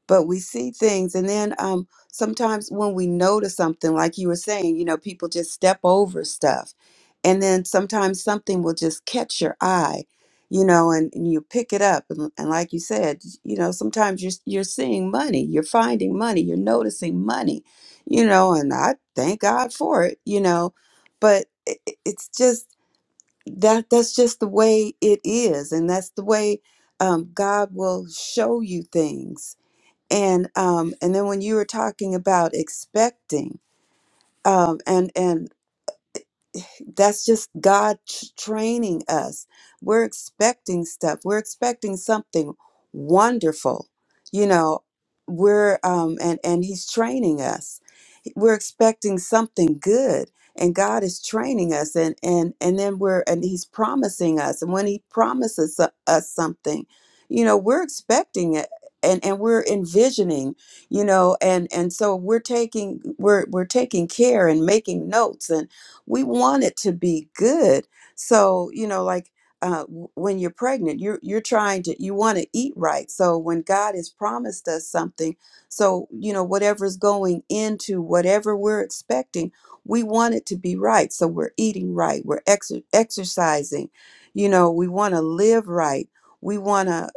S3: but we see things and then um sometimes when we notice something like you were saying you know people just step over stuff and then sometimes something will just catch your eye you know and, and you pick it up and, and like you said you know sometimes you're you're seeing money you're finding money you're noticing money you know and I thank God for it you know but it, it- it's just that that's just the way it is and that's the way um, God will show you things and um and then when you were talking about expecting um and and that's just God t- training us. We're expecting stuff. We're expecting something wonderful. You know, we're um and and he's training us. We're expecting something good and God is training us and and and then we're and he's promising us and when he promises so- us something, you know, we're expecting it and and we're envisioning, you know, and and so we're taking we're we're taking care and making notes and we want it to be good. So, you know, like uh, w- when you're pregnant, you're you're trying to you want to eat right. So when God has promised us something, so you know whatever's going into whatever we're expecting, we want it to be right. So we're eating right, we're ex exercising, you know, we want to live right. We want to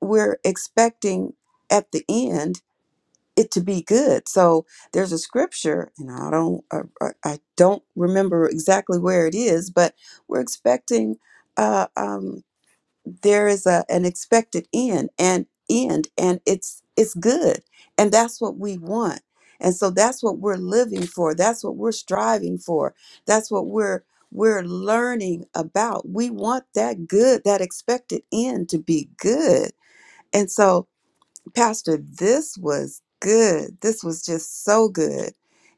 S3: we're expecting at the end it to be good. So there's a scripture, and I don't I, I I don't remember exactly where it is, but we're expecting. Uh, um, there is a an expected end, and end, and it's it's good, and that's what we want, and so that's what we're living for. That's what we're striving for. That's what we're we're learning about. We want that good, that expected end to be good, and so Pastor, this was good. This was just so good.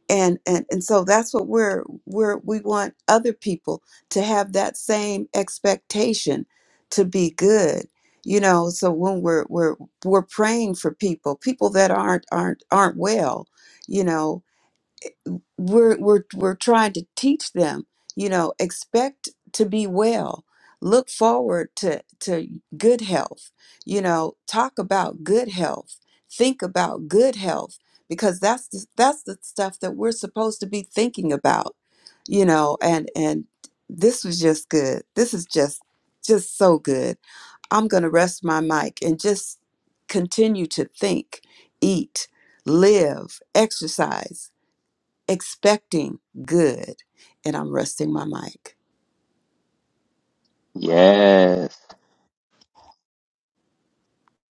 S3: And and and so that's what we're we're we want other people to have that same expectation to be good. You know, so when we're we're we're praying for people, people that aren't aren't aren't well, you know, we're we're we're trying to teach them you know expect to be well look forward to to good health you know talk about good health think about good health because that's the, that's the stuff that we're supposed to be thinking about you know and and this was just good this is just just so good i'm going to rest my mic and just continue to think eat live exercise expecting good. And I'm resting my mic.
S4: Yes.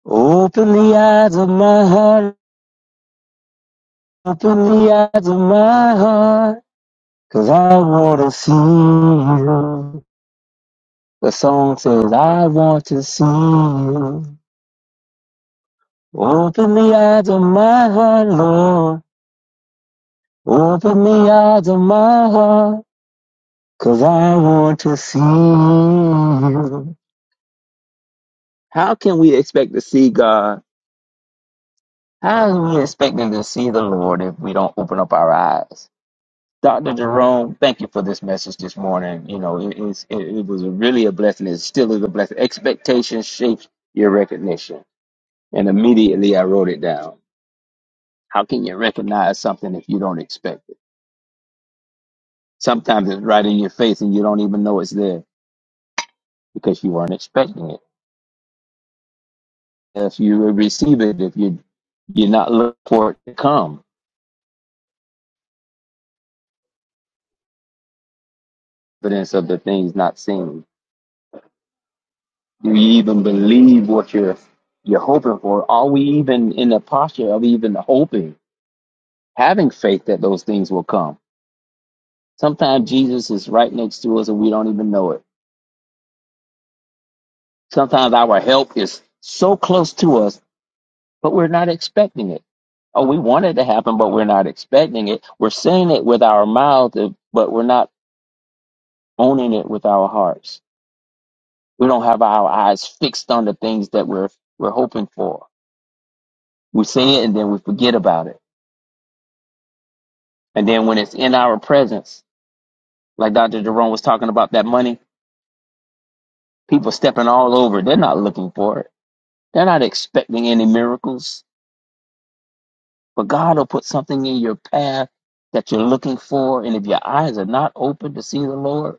S4: Open the eyes of my heart. Open the eyes of my heart. Cause I wanna see you. The song says I want to see you. Open the eyes of my heart, Lord. Open the eyes of my heart. Cause I want to see you. How can we expect to see God? How are we expecting to see the Lord if we don't open up our eyes? Dr. Jerome, thank you for this message this morning. You know, it, it's, it, it was really a blessing. It still is a blessing. Expectation shapes your recognition. And immediately I wrote it down. How can you recognize something if you don't expect it? Sometimes it's right in your face and you don't even know it's there because you weren't expecting it. If you receive it, if you, you're not looking for it to come, evidence of the things not seen. Do you even believe what you're, you're hoping for? Are we even in the posture of even hoping? having faith that those things will come. Sometimes Jesus is right next to us and we don't even know it. Sometimes our help is so close to us, but we're not expecting it. Oh, we want it to happen, but we're not expecting it. We're saying it with our mouth, but we're not owning it with our hearts. We don't have our eyes fixed on the things that we're we're hoping for. We say it and then we forget about it. And then when it's in our presence, like Dr. Jerome was talking about that money, people stepping all over, they're not looking for it They're not expecting any miracles, but God will put something in your path that you're looking for. And if your eyes are not open to see the Lord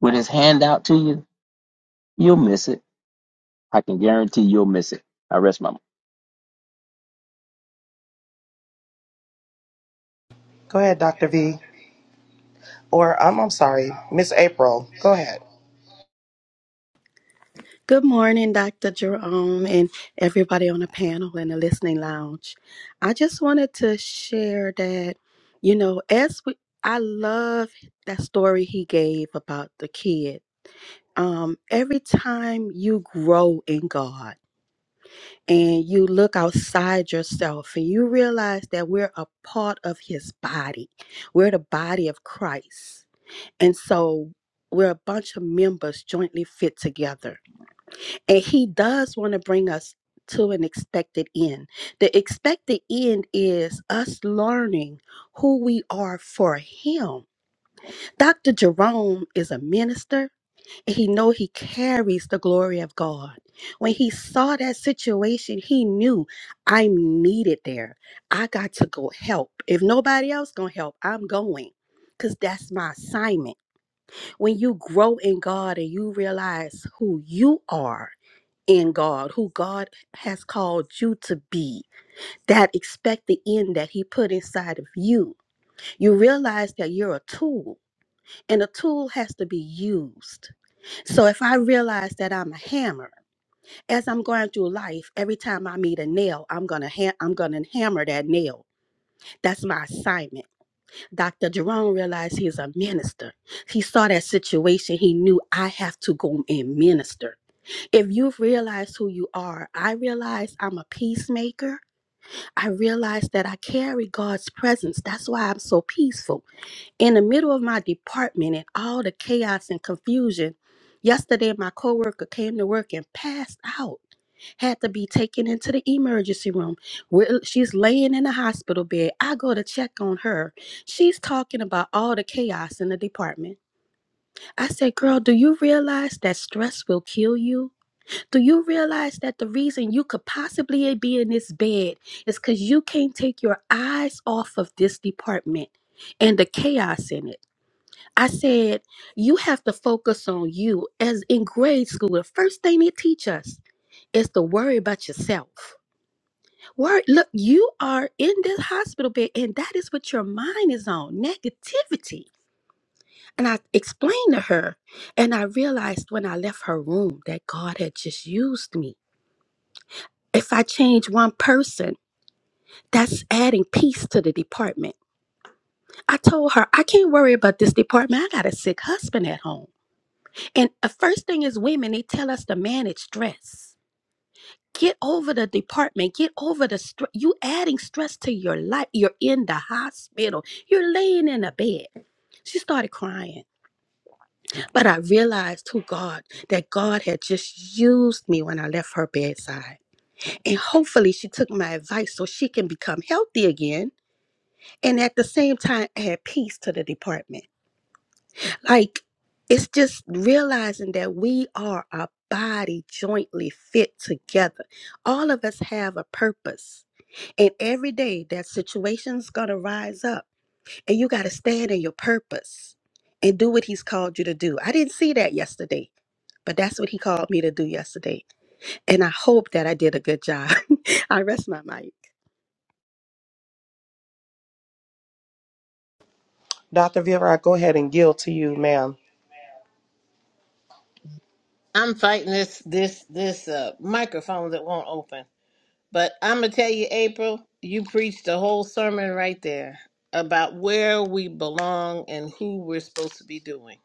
S4: with his hand out to you, you'll miss it. I can guarantee you'll miss it. I rest my mind.
S1: Go ahead, Dr. V. Or I'm, I'm sorry, Miss April. Go ahead.
S5: Good morning, Dr. Jerome, and everybody on the panel and the listening lounge. I just wanted to share that, you know, as we, I love that story he gave about the kid. Um, every time you grow in God and you look outside yourself and you realize that we're a part of his body, we're the body of Christ. And so we're a bunch of members jointly fit together and he does want to bring us to an expected end. The expected end is us learning who we are for him. Dr. Jerome is a minister and he know he carries the glory of God. When he saw that situation, he knew I'm needed there. I got to go help. If nobody else going to help, I'm going cuz that's my assignment. When you grow in God and you realize who you are, in God, who God has called you to be, that expect the end that He put inside of you. You realize that you're a tool and a tool has to be used. So if I realize that I'm a hammer, as I'm going through life, every time I meet a nail, I'm gonna ha- I'm gonna hammer that nail. That's my assignment. Dr. Jerome realized he's a minister. He saw that situation. He knew I have to go and minister. if you've realized who you are, I realize I'm a peacemaker. I realize that I carry God's presence. That's why I'm so peaceful. In the middle of my department and all the chaos and confusion, yesterday my coworker came to work and passed out. Had to be taken into the emergency room. Where she's laying in a hospital bed. I go to check on her. She's talking about all the chaos in the department. I said, "Girl, do you realize that stress will kill you?" Do you realize that the reason you could possibly be in this bed is because you can't take your eyes off of this department and the chaos in it? I said, you have to focus on you. As in grade school, the first thing they teach us is to worry about yourself. Worry, look, you are in this hospital bed, and that is what your mind is on negativity. And I explained to her, and I realized when I left her room that God had just used me If I change one person, that's adding peace to the department. I told her, I can't worry about this department. I got a sick husband at home. And the first thing is women, they tell us to manage stress. Get over the department. Get over the stress. You adding stress to your life. You're in the hospital. You're laying in a bed. She started crying. But I realized who God, that God had just used me when I left her bedside. And hopefully she took my advice so she can become healthy again and at the same time add peace to the department. Like it's just realizing that we are a body jointly fit together. All of us have a purpose. And every day that situation's gonna rise up and you gotta stand in your purpose and do what he's called you to do. I didn't see that yesterday, but that's what he called me to do yesterday. And I hope that I did a good job. I rest my mic.
S1: Dr. Vera, I go ahead and yield to you, ma'am.
S6: I'm fighting this this this uh microphone that won't open. But I'm gonna tell you, April, you preached a whole sermon right there about where we belong and who we're supposed to be doing,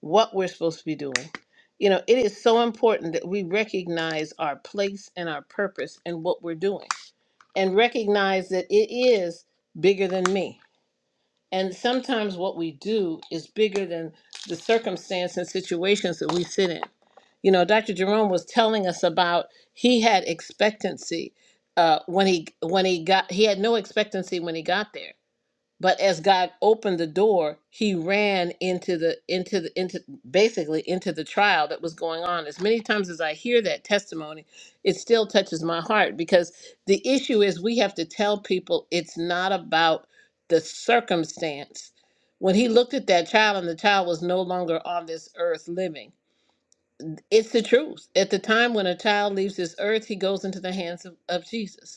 S6: what we're supposed to be doing. You know, it is so important that we recognize our place and our purpose and what we're doing, and recognize that it is bigger than me. And sometimes what we do is bigger than the circumstance and situations that we sit in. You know, Dr. Jerome was telling us about he had expectancy uh, when he when he got he had no expectancy when he got there but as God opened the door, he ran into the into the into basically into the trial that was going on. As many times as I hear that testimony, it still touches my heart because the issue is we have to tell people it's not about the circumstance. When he looked at that child and the child was no longer on this earth living, it's the truth. At the time when a child leaves this earth, he goes into the hands of, of Jesus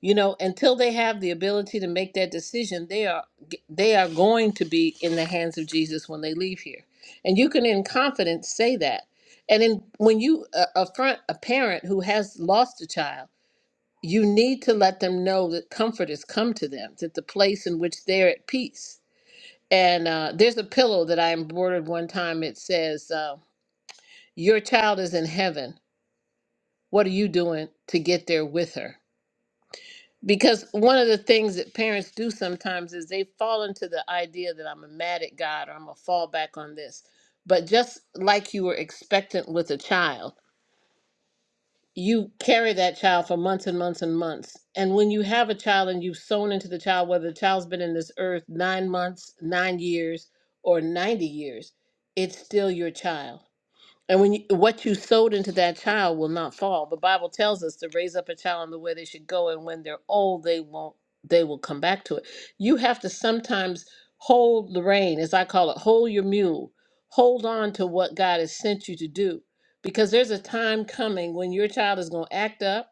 S6: you know until they have the ability to make that decision they are they are going to be in the hands of jesus when they leave here and you can in confidence say that and in when you uh, affront a parent who has lost a child you need to let them know that comfort has come to them that the place in which they're at peace and uh, there's a pillow that i embroidered one time it says uh, your child is in heaven what are you doing to get there with her because one of the things that parents do sometimes is they fall into the idea that I'm a mad at God or I'm gonna fall back on this. But just like you were expectant with a child, you carry that child for months and months and months. And when you have a child and you've sown into the child, whether the child's been in this earth nine months, nine years, or 90 years, it's still your child and when you, what you sowed into that child will not fall. The Bible tells us to raise up a child in the way they should go, and when they're old, they won't. They will come back to it. You have to sometimes hold the rein, as I call it, hold your mule, hold on to what God has sent you to do, because there's a time coming when your child is going to act up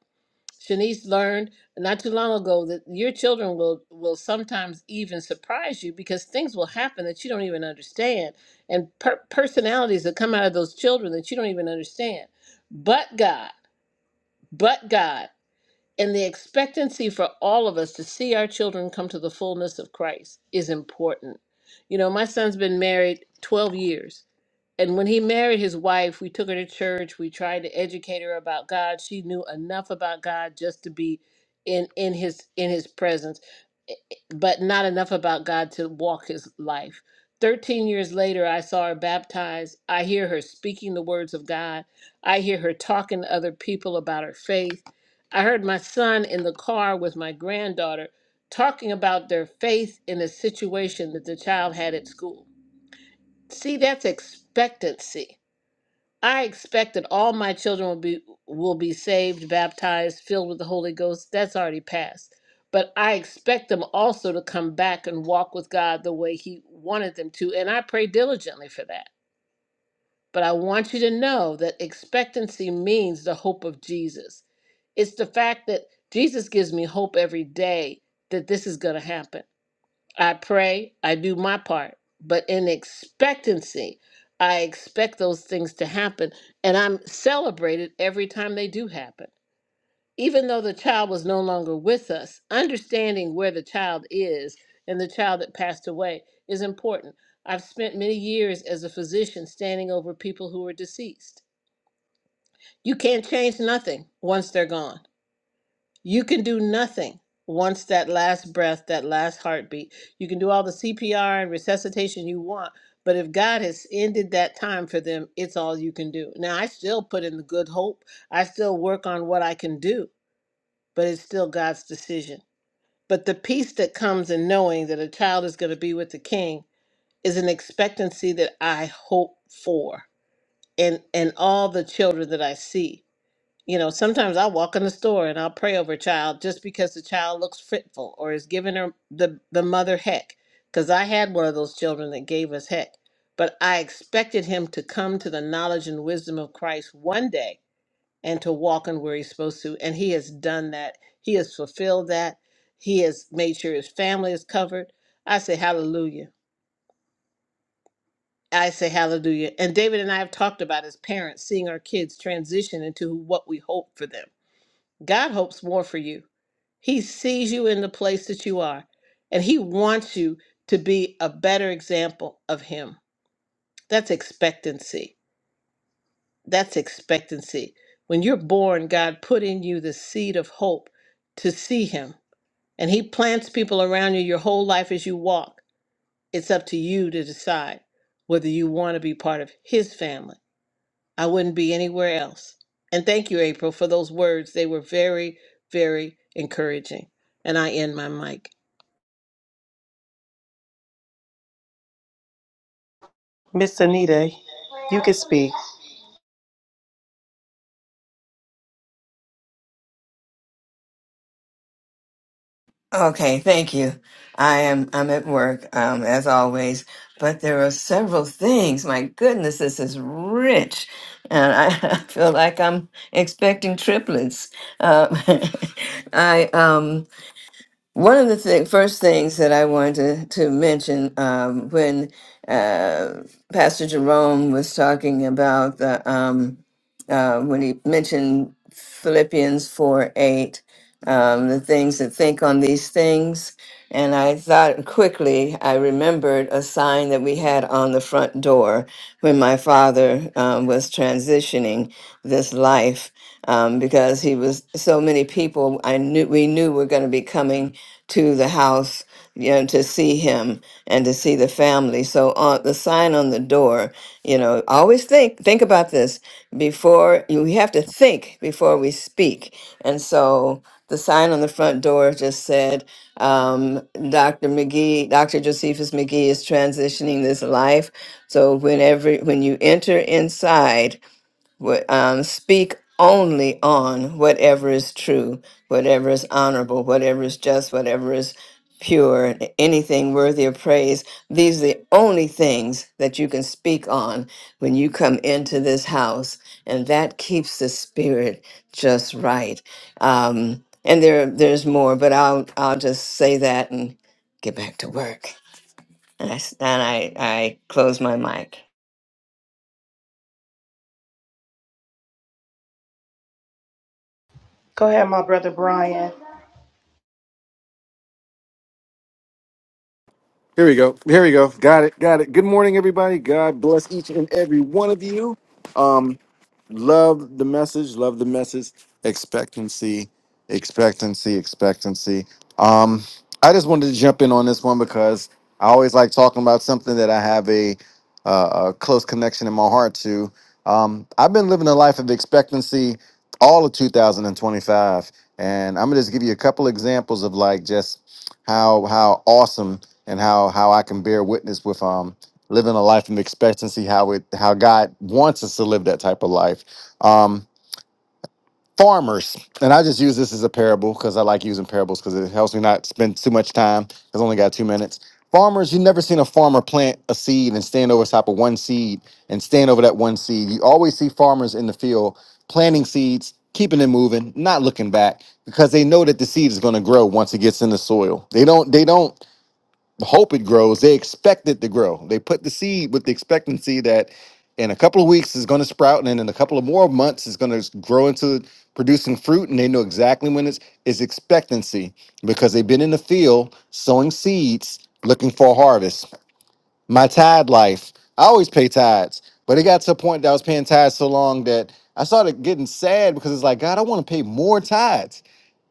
S6: Shanice learned not too long ago that your children will will sometimes even surprise you because things will happen that you don't even understand and per- personalities that come out of those children that you don't even understand. But God, but God, and the expectancy for all of us to see our children come to the fullness of Christ is important. You know, my son's been married 12 years and when he married his wife, we took her to church. We tried to educate her about God. She knew enough about God just to be in in his in his presence, eh, eh, but not enough about God to walk his life. 13 years later, I saw her baptized. I hear her speaking the words of God. I hear her talking to other people about her faith. I heard my son in the car with my granddaughter talking about their faith in a situation that the child had at school. See, that's expectancy I expect that all my children will be will be saved, baptized, filled with the Holy Ghost. That's already passed. But I expect them also to come back and walk with God the way he wanted them to, and I pray diligently for that. But I want you to know that expectancy means the hope of Jesus. It's the fact that Jesus gives me hope every day that this is going to happen. I pray, I do my part, but in expectancy, I expect those things to happen. And I'm celebrated every time they do happen. Even though the child was no longer with us, understanding where the child is and the child that passed away is important. I've spent many years as a physician standing over people who are deceased. You can't change nothing once they're gone you can do nothing once that last breath, that last heartbeat. You can do all the CPR and resuscitation you want, but if God has ended that time for them, it's all you can do. Now, I still put in the good hope, I still work on what I can do, but it's still God's decision. But the peace that comes in knowing that a child is going to be with the king is an expectancy that I hope for and and all the children that I see. You know, sometimes I'll walk in the store and I'll pray over a child just because the child looks fitful or is giving her the, the mother heck. Because I had one of those children that gave us heck. But I expected him to come to the knowledge and wisdom of Christ one day and to walk in where he's supposed to. And he has done that. He has fulfilled that. He has made sure his family is covered. I say hallelujah. I say hallelujah. And David and I have talked about as parents seeing our kids transition into what we hope for them. God hopes more for you. He sees you in the place that you are, and He wants you to be a better example of Him. That's expectancy. That's expectancy. When you're born, God put in you the seed of hope to see Him, and He plants people around you your whole life as you walk. It's up to you to decide whether you want to be part of His family. I wouldn't be anywhere else. And thank you, April, for those words. They were very, very encouraging. And I end my mic.
S1: Miss Anita, you can speak.
S7: Okay, thank you. I am I'm at work, um, as always, but there are several things. My goodness, this is rich, and I feel like I'm expecting triplets. Uh, I um. One of the thing, first things that I wanted to, mention um, when uh, Pastor Jerome was talking about the, um, uh, when he mentioned Philippians 4 8, um, the things that think on these things. And I thought quickly, I remembered a sign that we had on the front door when my father um, was transitioning this life um, because he was so many people I knew we knew were going to be coming to the house, you know, to see him and to see the family. So on the sign on the door, you know, always think think about this before you we have to think before we speak. And so the sign on the front door just said, um, Dr. McGee, Dr. Josephus McGee is transitioning this life. So whenever when you enter inside, would, um, speak only on whatever is true, whatever is honorable, whatever is just, whatever is pure, and anything worthy of praise. These are the only things that you can speak on when you come into this house, and that keeps the spirit just right. Um, and there, there's more, but I'll, I'll just say that and get back to work. And I, s- and I, I close my mic.
S1: Go ahead, my brother Brian.
S8: Here we go. Here we go. Got it. Got it. Good morning, everybody. God bless each and every one of you. Um, love the message love the message expectancy expectancy expectancy um i just wanted to jump in on this one because i always like talking about something that i have a, uh, a close connection in my heart to um i've been living a life of expectancy all of 2025 and i'm gonna just give you a couple examples of like just how how awesome and how how i can bear witness with um living a life of expectancy how it how god wants us to live that type of life um, farmers, and I just use this as a parable because I like using parables because it helps me not spend too much time. 'cause I only got two minutes. Farmers, you never seen a farmer plant a seed and stand over top of one seed and stand over that one seed. You always see farmers in the field planting seeds, keeping it moving, not looking back because they know that the seed is going to grow once it gets in the soil. They don't. They don't hope it grows. They expect it to grow. They put the seed with the expectancy that in a couple of weeks it's going to sprout, and then in a couple of more months it's going to grow into producing fruit. And they know exactly when it's it's expectancy because they've been in the field sowing seeds, looking for a harvest my tide life. I always pay tides, but it got to a point that I was paying tides so long that I started getting sad because it's like, God, I want to pay more tides.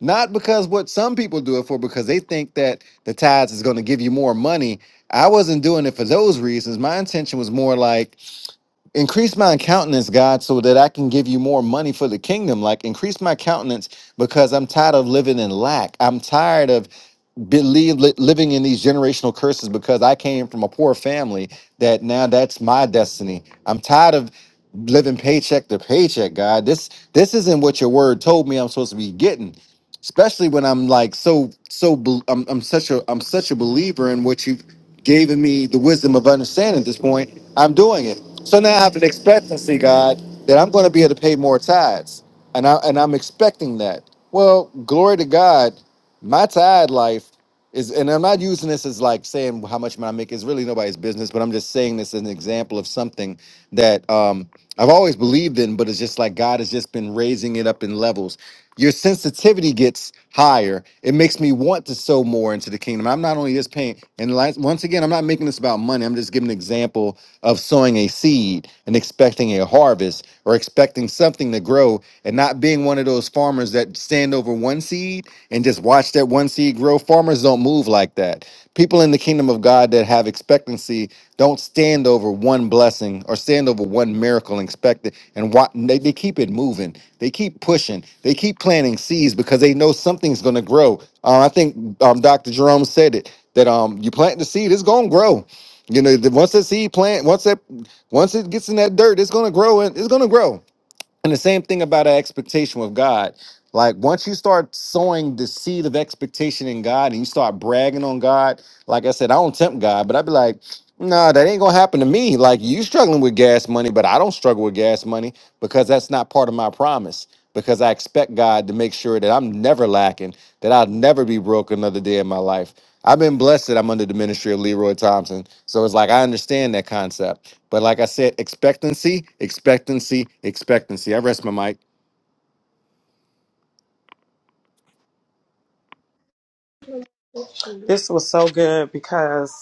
S8: Not because what some people do it for, because they think that the tides is going to give you more money. I wasn't doing it for those reasons. My intention was more like, increase my countenance, God, so that I can give you more money for the kingdom. Like, increase my countenance because I'm tired of living in lack. I'm tired of believe li- living in these generational curses because I came from a poor family that now that's my destiny. I'm tired of living paycheck to paycheck, God. This this isn't what your word told me I'm supposed to be getting. Especially when I'm like so so bel- I'm, I'm such a I'm such a believer in what you giving me the wisdom of understanding at this point, I'm doing it. So now I have an expectancy, God, that I'm going to be able to pay more tithes, and I and I'm expecting that. Well, glory to God, my tithe life is, and I'm not using this as like saying how much money I make. It's really nobody's business, but I'm just saying this as an example of something that um, I've always believed in, but it's just like God has just been raising it up in levels your sensitivity gets higher. It makes me want to sow more into the kingdom. I'm not only just paying, and like, once again, I'm not making this about money. I'm just giving an example of sowing a seed and expecting a harvest or expecting something to grow and not being one of those farmers that stand over one seed and just watch that one seed grow. Farmers don't move like that. People in the kingdom of God that have expectancy don't stand over one blessing or stand over one miracle and expect it. And what they, they keep it moving, they keep pushing, they keep planting seeds because they know something's going to grow. Uh, I think um, Dr. Jerome said it that um, you plant the seed, it's going to grow. You know, the, once that seed plant, once that once it gets in that dirt, it's going to grow and it's going to grow. And the same thing about our expectation with God. Like once you start sowing the seed of expectation in God and you start bragging on God, like I said, I don't tempt God, but I'd be like, nah, that ain't gonna happen to me. Like you struggling with gas money, but I don't struggle with gas money because that's not part of my promise. Because I expect God to make sure that I'm never lacking, that I'll never be broke another day in my life. I've been blessed that I'm under the ministry of Leroy Thompson. So it's like I understand that concept. But like I said, expectancy, expectancy, expectancy. I rest my mic.
S1: This was so good because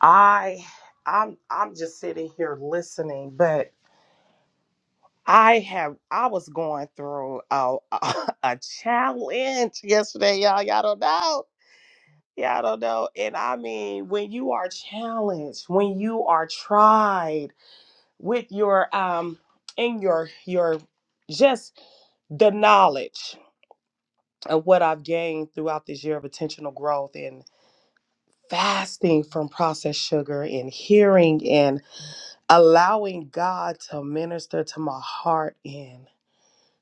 S1: I I'm I'm just sitting here listening, but I have I was going through a a, challenge yesterday, y'all. Y'all don't know. Y'all don't know. And I mean, when you are challenged, when you are tried with your um in your your just the knowledge of what I've gained throughout this year of intentional growth and fasting from processed sugar and hearing and allowing God to minister to my heart in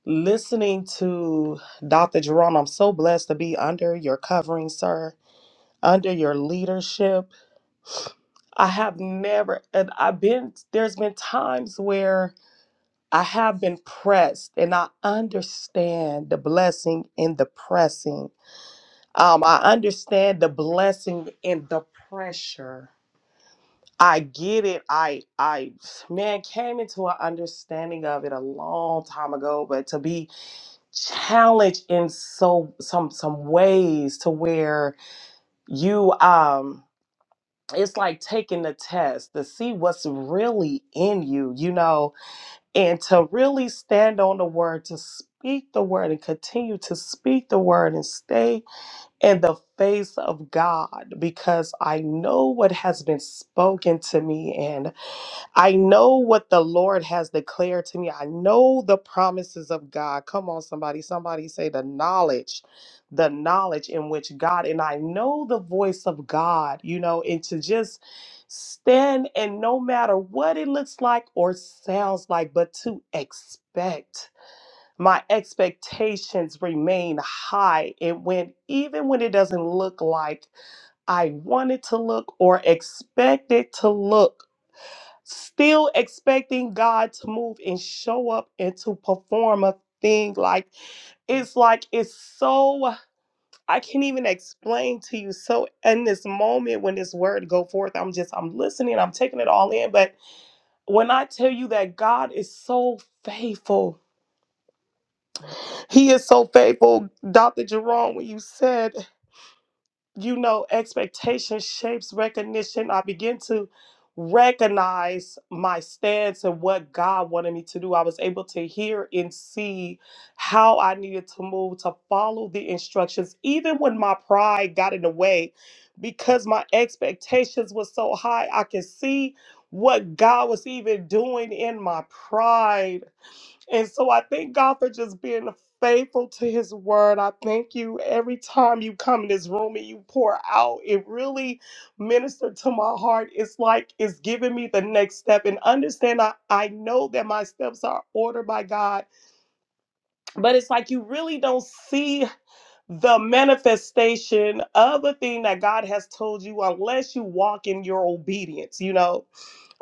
S1: listening to Dr. Jerome. I'm so blessed to be under your covering, sir, under your leadership. I have never, and I've been, there's been times where I have been pressed and I understand the blessing in the pressing. Um, I understand the blessing in the pressure. I get it. I I man came into an understanding of it a long time ago, but to be challenged in so some some ways to where you um it's like taking the test to see what's really in you, you know, and to really stand on the word to speak the word and continue to speak the word and stay in the face of God because I know what has been spoken to me and I know what the Lord has declared to me. I know the promises of God. Come on, somebody. Somebody say the knowledge, the knowledge in which God, and I know the voice of God, you know, and to just stand and no matter what it looks like or sounds like, but to expect. My expectations remain high. And when, even when it doesn't look like I want it to look or expect it to look, still expecting God to move and show up and to perform a thing. Like it's like it's so I can't even explain to you. So in this moment when this word go forth, I'm just I'm listening, I'm taking it all in. But when I tell you that God is so faithful, He is so faithful, Dr. Jerome, when you said you know, expectation shapes recognition. I begin to recognize my stance and what God wanted me to do. I was able to hear and see how I needed to move to follow the instructions, even when my pride got in the way, because my expectations were so high. I could see what God was even doing in my pride. And so I thank God for just being faithful to his word. I thank you every time you come in this room and you pour out. It really ministered to my heart. It's like it's giving me the next step. And understand, I, I know that my steps are ordered by God, but it's like you really don't see the manifestation of the thing that God has told you unless you walk in your obedience, you know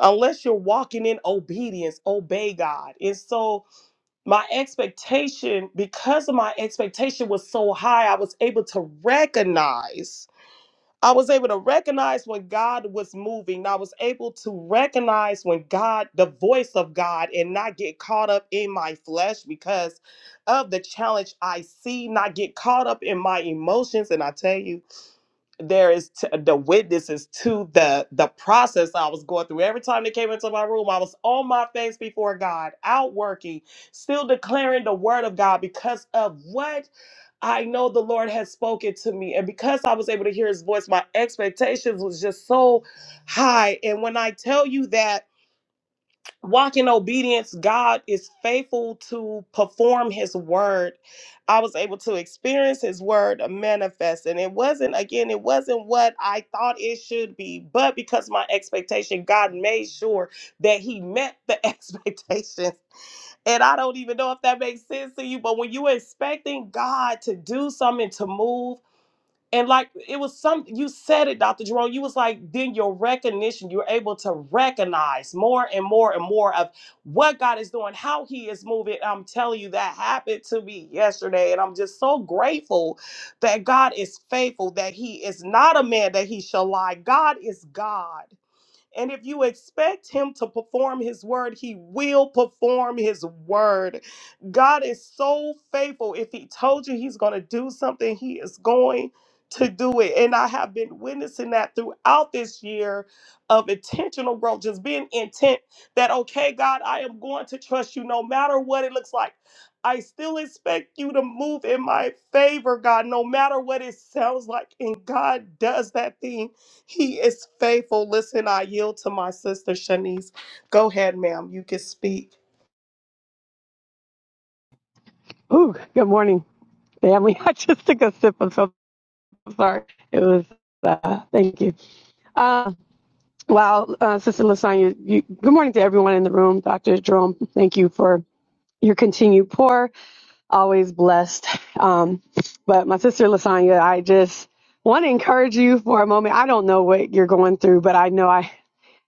S1: unless you're walking in obedience, obey God. And so my expectation because of my expectation was so high i was able to recognize i was able to recognize when god was moving i was able to recognize when god the voice of god and not get caught up in my flesh because of the challenge i see not get caught up in my emotions and i tell you there is t- the witnesses to the the process I was going through. Every time they came into my room, I was on my face before God, out working, still declaring the word of God because of what I know the Lord has spoken to me, and because I was able to hear His voice, my expectations was just so high. And when I tell you that walk in obedience god is faithful to perform his word i was able to experience his word manifest and it wasn't again it wasn't what i thought it should be but because my expectation god made sure that he met the expectations and i don't even know if that makes sense to you but when you're expecting god to do something to move and like it was some you said it, Dr. Jerome. You was like, then your recognition, you're able to recognize more and more and more of what God is doing, how He is moving. I'm telling you, that happened to me yesterday. And I'm just so grateful that God is faithful, that He is not a man that He shall lie. God is God. And if you expect him to perform his word, he will perform his word. God is so faithful. If he told you he's going to do something, he is going to do it. And I have been witnessing that throughout this year of intentional growth, just being intent that, okay, God, I am going to trust you no matter what it looks like. I still expect you to move in my favor, God, no matter what it sounds like. And God does that thing he is faithful. Listen, I yield to my sister Shanice. Go ahead, ma'am. You can speak.
S9: Ooh, good morning, family. I just took a sip. of am so sorry. It was. Uh, thank you. Uh, wow, uh, Sister Lasagna. You, good morning to everyone in the room. Dr. Jerome, thank you for your continued pour. Always blessed. Um, but my sister Lasagna, I just want to encourage you for a moment. I don't know what you're going through, but I know I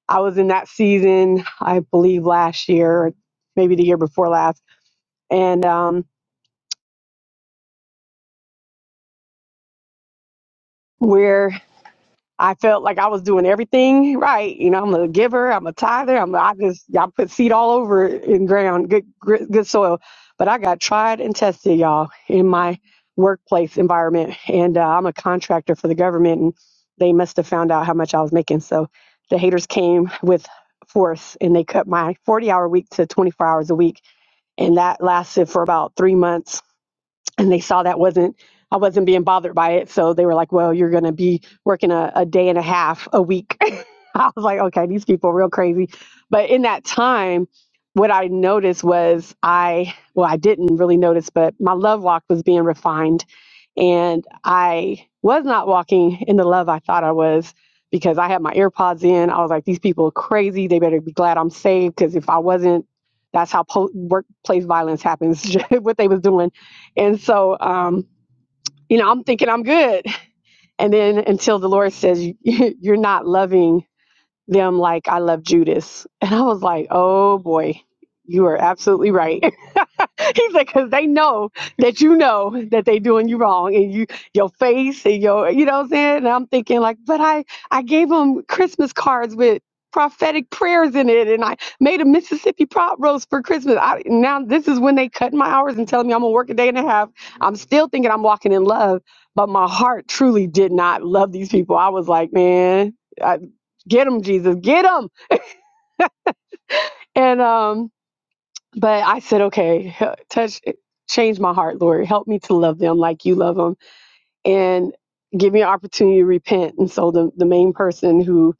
S9: I was in that season. I believe last year, or maybe the year before last, and um, where I felt like I was doing everything right. You know, I'm a giver, I'm a tither, I'm I just I put seed all over in ground, good gr- good soil. But I got tried and tested, y'all, in my workplace environment, and uh, I'm a contractor for the government, and they must have found out how much I was making. So the haters came with force, and they cut my 40 hour week to 24 hours a week, and that lasted for about three months and they saw that wasn't I wasn't being bothered by it. So they were like, "Well, you're going to be working a, a day and a half a week." I was like, "Okay, these people are real crazy." But in that time, what I noticed was I well, I didn't really notice, but my love walk was being refined and I was not walking in the love I thought I was because I had my AirPods in. I was like, these people are crazy. They better be glad I'm saved because if I wasn't, that's how po- workplace violence happens. what they was doing, and so um, you know, I'm thinking I'm good, and then until the Lord says "You- you're not loving them like I love Judas, and I was like, oh boy, you are absolutely right. He said, because they know that you know that they doing you wrong and you your face and your you know what I'm saying? And I'm thinking like, but I I gave them Christmas cards with prophetic prayers in it and I made a Mississippi prop roast for Christmas. I, now this is when they cut my hours and telling me I'm gonna work a day and a half. I'm still thinking I'm walking in love, but my heart truly did not love these people. I was like, man, I, get them, Jesus, get them. And um but I said, okay, he- touch, eh, change my heart, Lord. Help me to love them like you love them and give me an opportunity to repent. And so the, the main person who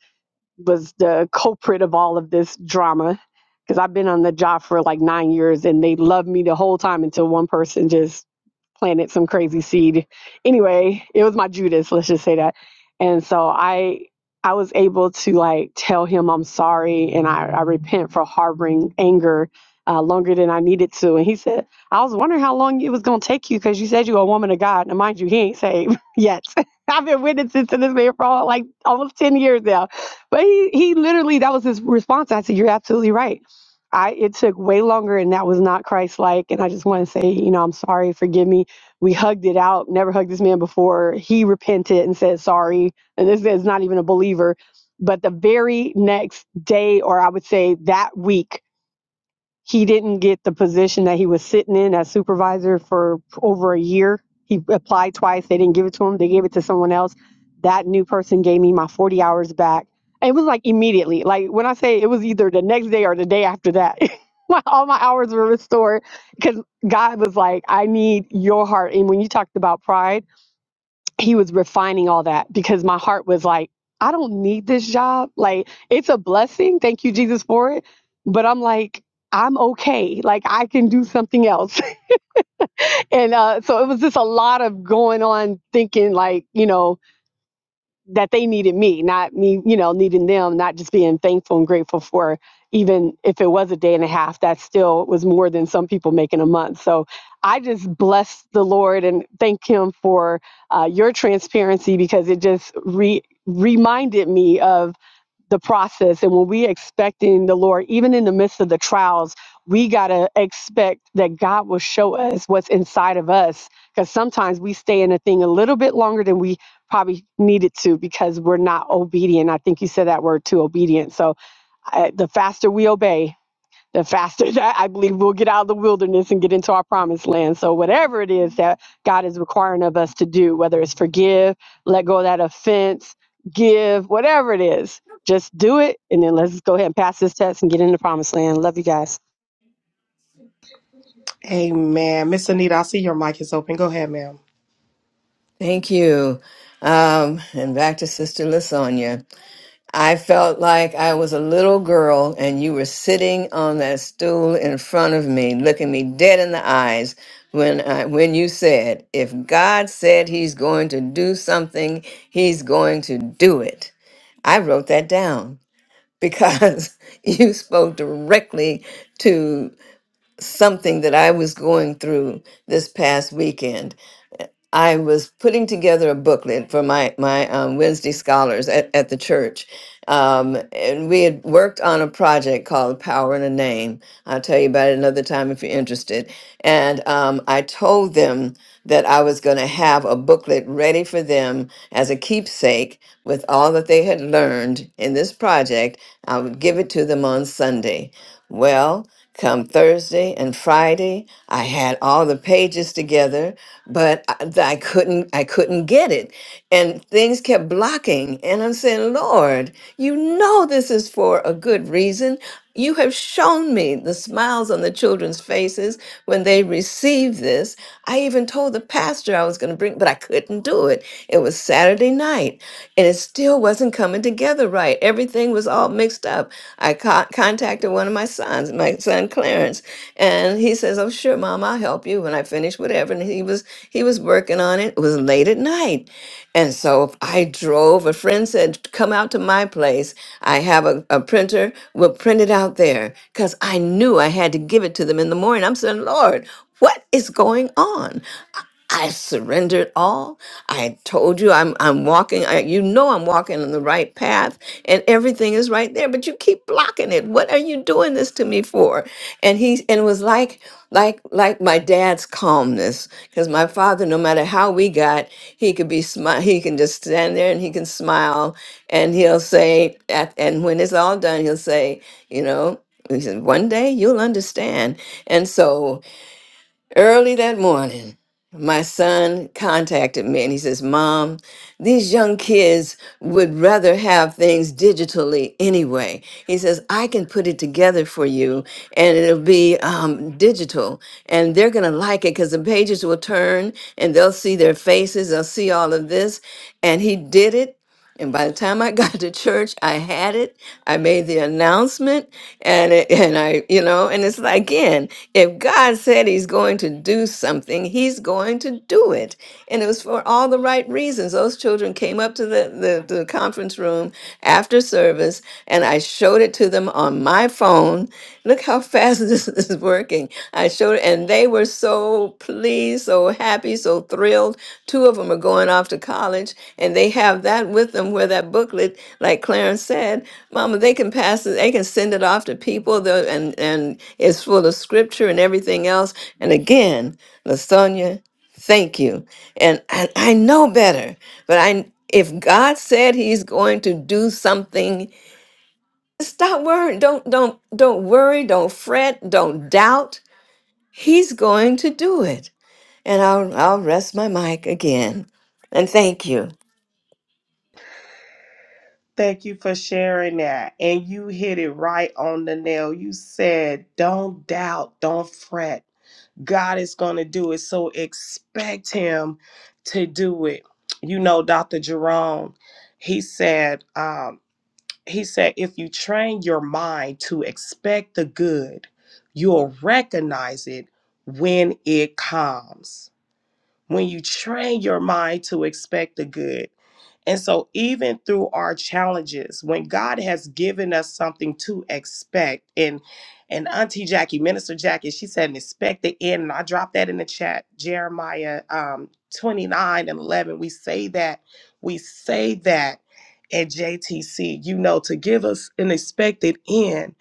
S9: was the culprit of all of this drama, because I've been on the job for like nine years and they loved me the whole time until one person just planted some crazy seed. Anyway, it was my Judas, let's just say that. And so I I was able to like tell him I'm sorry and I, I repent for harboring anger uh, longer than I needed to. And he said, I was wondering how long it was going to take you because you said you were a woman of God. Now, mind you, he ain't saved yet. I've been witnessing to this man for all, like almost 10 years now. But he, he literally, that was his response. I said, You're absolutely right. I, it took way longer and that was not Christ like. And I just want to say, you know, I'm sorry, forgive me we hugged it out, never hugged this man before. He repented and said sorry. And this is not even a believer. But the very next day, or I would say that week, he didn't get the position that he was sitting in as supervisor for over a year. He applied twice. They didn't give it to him. They gave it to someone else. That new person gave me my 40 hours back. And it was like immediately. Like when I say it was either the next day or the day after that. my, all my hours were restored because God was like, I need your heart. And when you talked about pride, he was refining all that because my heart was like, I don't need this job. Like, it's a blessing. Thank you, Jesus, for it. But I'm like, I'm okay. Like, I can do something else. and uh, so it was just a lot of going on thinking, like, you know, that they needed me, not me, you know, needing them, not just being thankful and grateful for even if it was a day and a half, that still was more than some people make in a month. So I just bless the Lord and thank Him for uh, your transparency because it just re- reminded me of the process and when we expecting the lord even in the midst of the trials we got to expect that god will show us what's inside of us because sometimes we stay in a thing a little bit longer than we probably needed to because we're not obedient i think you said that word too obedient so I, the faster we obey the faster that I believe we'll get out of the wilderness and get into our promised land. So, whatever it is that God is requiring of us to do, whether it's forgive, let go of that offense, give, whatever it is, just do it. And then let's go ahead and pass this test and get in the promised land. Love you guys.
S1: Amen. Miss Anita, I see your mic is open. Go ahead, ma'am.
S7: Thank you. Um, and back to Sister Lasagna. I felt like I was a little girl and you were sitting on that stool in front of me, looking me dead in the eyes when I, when you said, if God said he's going to do something, he's going to do it. I wrote that down because you spoke directly to something that I was going through this past weekend. I was putting together a booklet for my my um, Wednesday scholars at, at the church, um, and we had worked on a project called "Power in a Name." I'll tell you about it another time if you're interested. And um, I told them that I was going to have a booklet ready for them as a keepsake with all that they had learned in this project. I would give it to them on Sunday. Well, come Thursday and Friday, I had all the pages together, but I, I couldn't I couldn't get it. And things kept blocking, and I'm saying, "Lord, you know this is for a good reason. You have shown me the smiles on the children's faces when they received this. I even told the pastor I was going to bring, but I couldn't do it. It was Saturday night, and it still." still wasn't coming together right. Everything was all mixed up. I co- contacted one of my sons, my son Clarence, and he says, "Oh, sure, Mom, I'll help you when I finish whatever." And he was he was working on it. It was late at night, and so I drove. A friend said, "Come out to my place. I have a, a printer. We'll print it out there." Because I knew I had to give it to them in the morning. I'm saying, "Lord, what is going on?" I surrendered all. I told you I'm I'm walking. I, you know I'm walking on the right path, and everything is right there. But you keep blocking it. What are you doing this to me for? And he and it was like like like my dad's calmness, because my father, no matter how we got, he could be smile. He can just stand there and he can smile, and he'll say, at, and when it's all done, he'll say, you know, he said, one day you'll understand. And so Early that morning, my son contacted me and he says, Mom, these young kids would rather have things digitally anyway. He says, I can put it together for you and it'll be um, digital and they're going to like it because the pages will turn and they'll see their faces, they'll see all of this. And he did it and by the time I got to church, I had it. I made the announcement, and it, and I, you know, and it's like again, if God said He's going to do something, He's going to do it, and it was for all the right reasons. Those children came up to the the, the conference room after service, and I showed it to them on my phone, look how fast this is working. I showed, it, and they were so pleased, so happy, so thrilled. Two of them are going off to college, and they have that with them where that booklet, like Clarence said, Mama, they can pass it, they can send it off to people, the- and, and it's full of scripture and everything else. And again, Lasonia, thank you. And I, I know better, but I if God said he's going to do something, Stop worrying. Don't don't don't worry. Don't fret. Don't doubt. He's going to do it. And I'll I'll rest my mic again. And thank you.
S1: Thank you for sharing that. And you hit it right on the nail. You said, don't doubt, don't fret. God is going to do it. So expect Him to do it. You know, Dr. Jerome, he said, um, he said, if you train your mind to expect the good, you'll recognize it when it comes when you train your mind to expect the good. And so, even through our challenges, when God has given us something to expect, and and Auntie Jackie, Minister Jackie, she said, expect the end. And I dropped that in the chat, Jeremiah um, 29 and 11. We say that, we say that at JTC, you know, to give us an expected end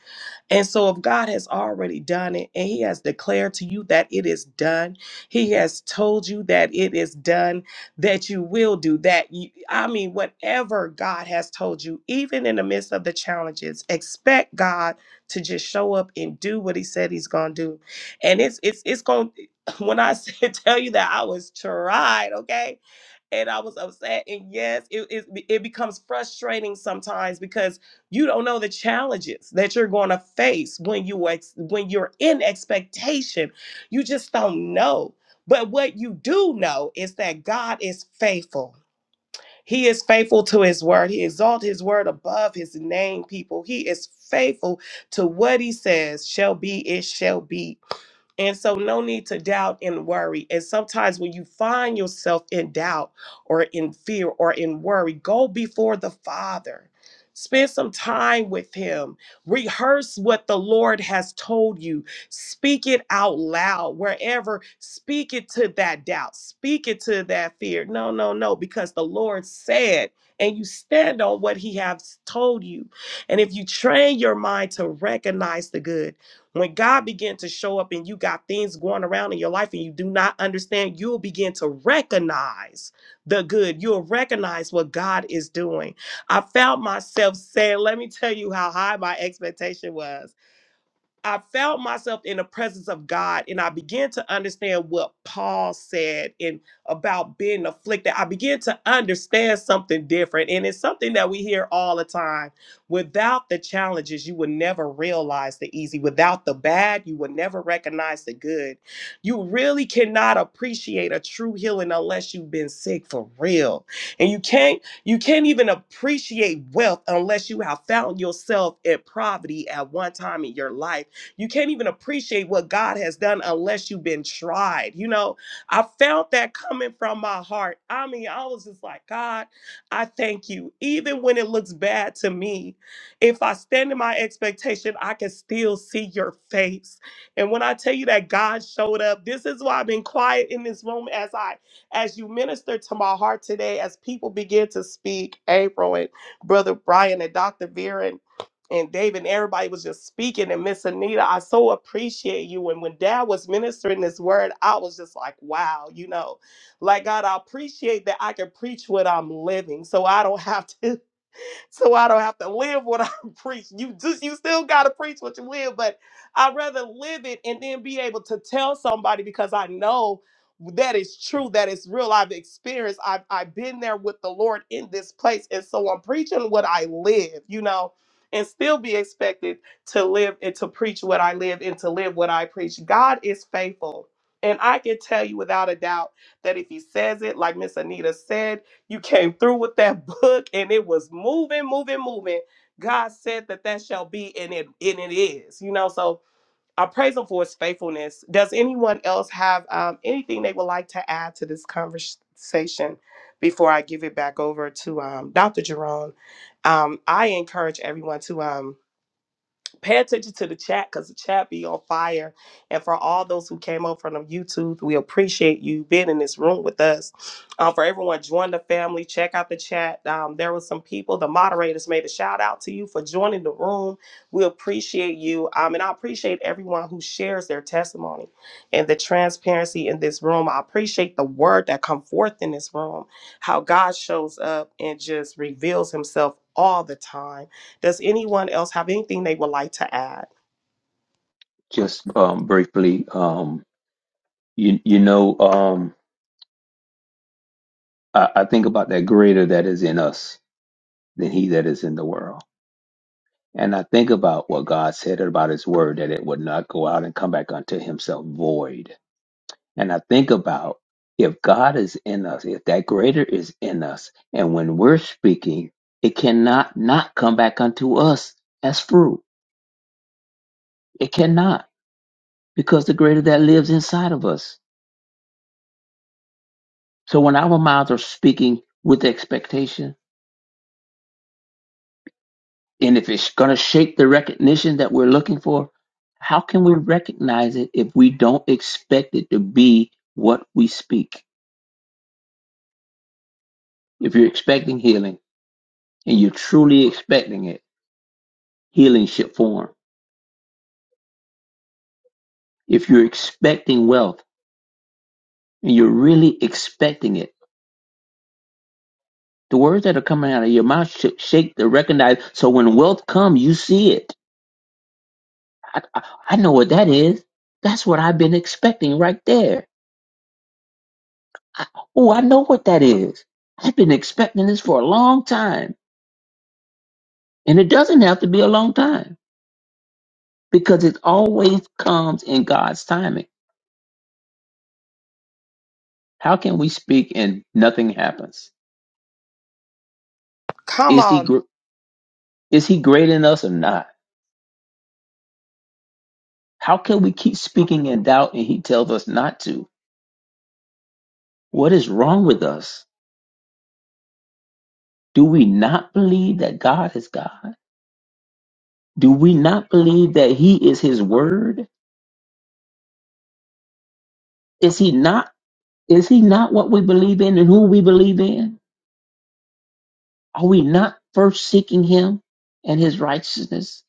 S1: and so, if God has already done it and He has declared to you that it is done, He has told you that it is done, that you will do that. You, I mean, whatever God has told you, even in the midst of the challenges, expect God to just show up and do what He said He's going to do. And it's it's it's going. When I say, tell you that I was tried, okay, and I was upset, and yes, it it, it becomes frustrating sometimes because you don't know the challenges that you're going to face when you ex- when you're in expectation. You just don't know. But what you do know is that God is faithful. He is faithful to his word. He exalt his word above his name, people. He is faithful to what he says shall be, it shall be and so, no need to doubt and worry. And sometimes, when you find yourself in doubt or in fear or in worry, go before the Father. Spend some time with Him. Rehearse what the Lord has told you. Speak it out loud wherever. Speak it to that doubt. Speak it to that fear. No, no, no, because the Lord said, and you stand on what He has told you. And if you train your mind to recognize the good, when God began to show up and you got things going around in your life and you do not understand, you'll begin to recognize the good. You'll recognize what God is doing. I found myself saying, let me tell you how high my expectation was. I felt myself in the presence of God and I began to understand what Paul said and about being afflicted. I began to understand something different. And it's something that we hear all the time. Without the challenges, you would never realize the easy. Without the bad, you would never recognize the good. You really cannot appreciate a true healing unless you've been sick for real. And you can't you can't even appreciate wealth unless you have found yourself in poverty at one time in your life you can't even appreciate what God has done unless you've been tried. You know, I felt that coming from my heart. I mean, I was just like, God, I thank you. Even when it looks bad to me, if I stand in my expectation, I can still see your face. And when I tell you that God showed up, this is why I've been quiet in this room as I as you minister to my heart today, as people begin to speak, April and Brother Brian and Dr. Vera and and David and everybody was just speaking. And Miss Anita, I so appreciate you. And when Dad was ministering this word, I was just like, wow, you know, like God, I appreciate that I can preach what I'm living. So I don't have to so I don't have to live what I preach. You just you still gotta preach what you live, but I'd rather live it and then be able to tell somebody because I know that is true, that is real. I've experienced, I've I've been there with the Lord in this place. And so I'm preaching what I live, you know, and still be expected to live and to preach what I live and to live what I preach. God is faithful. And I can tell you without a doubt that if he says it, like Miss Anita said, you came through with that book and it was moving, moving, moving. God said that that shall be and it and it is. You know, so I praise him for his faithfulness. Does anyone else have um, anything they would like to add to this conversation before I give it back over to um, Dr. Jerome? Um, I encourage everyone to. um, pay attention to the chat because the chat be on fire. And for all those who came over from YouTube, we appreciate you being in this room with us. Um, for everyone, join the family. Check out the chat. Um, there was some people. The moderators made a shout out to you for joining the room. We appreciate you. Um, and I appreciate everyone who shares their testimony and the transparency in this room. I appreciate the word that come forth in this room. How God shows up and just reveals Himself all the time does anyone else have anything they would like to add?
S4: Just um, briefly, um, you you know, um, I, I think about that greater that is in us than he that is in the world, and I think about what God said about His Word that it would not go out and come back unto Himself void. And I think about if God is in us, if that greater is in us, and when we're speaking, it cannot not come back unto us as fruit. It cannot because the greater that lives inside of us. So when our mouths are speaking with expectation, and if it's going to shape the recognition that we're looking for, how can we recognize it if we don't expect it to be what we speak? If you're expecting healing and you're truly expecting it, healing should form If you're expecting wealth and you're really expecting it, the words that are coming out of your mouth should shake to recognize. So when wealth comes, you see it. I, I, I know what that is. That's what I've been expecting right there. I, oh, I know what that is. I've been expecting this for a long time. And it doesn't have to be a long time because it always comes in God's timing. How can we speak and nothing happens?
S1: Come
S4: Is he,
S1: on.
S4: gr- is he great in us or not? How can we keep speaking in doubt and he tells us not to? What is wrong with us? Do we not believe that God is God? Do we not believe that he is his word? Is he not is he not what we believe in and who we believe in? Are we not first seeking him and his righteousness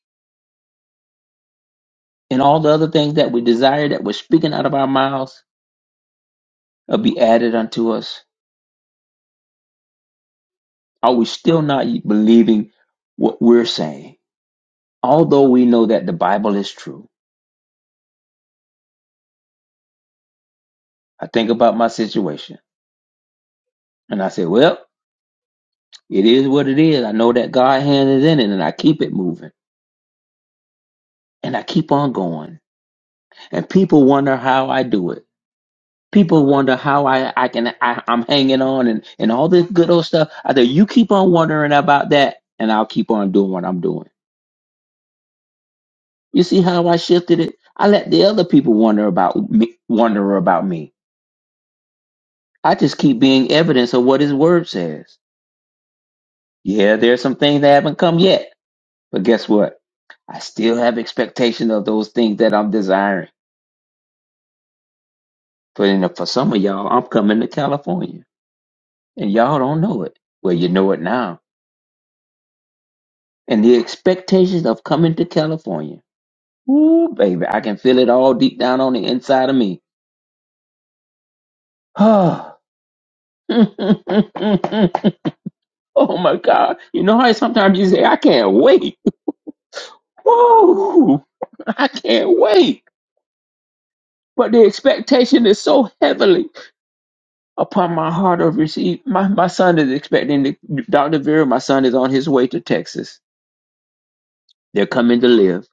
S4: and all the other things that we desire that we're speaking out of our mouths will be added unto us? Are we still not believing what we're saying? Although we know that the Bible is true I think about my situation and I say, well, it is what it is. I know that God hand is in it and I keep it moving and I keep on going. And people wonder how I do it. People wonder how I, I can, I, I'm hanging on and, and all this good old stuff. I say, you keep on wondering about that and I'll keep on doing what I'm doing. You see how I shifted it? I let the other people wonder about me, wonder about me. I just keep being evidence of what his word says. Yeah, there's some things that haven't come yet, but guess what? I still have expectation of those things that I'm desiring. But in for some of y'all, I'm coming to California, and y'all don't know it. Well, you know it now. And the expectations of coming to California. Ooh, baby, I can feel it all deep down on the inside of me. oh my God! You know how sometimes you say, "I can't wait." Woo! I can't wait. But the expectation is so heavily. upon my heart of receive. My, my son is expecting to, Dr. Vera, my son is on his way to Texas. They're coming to live.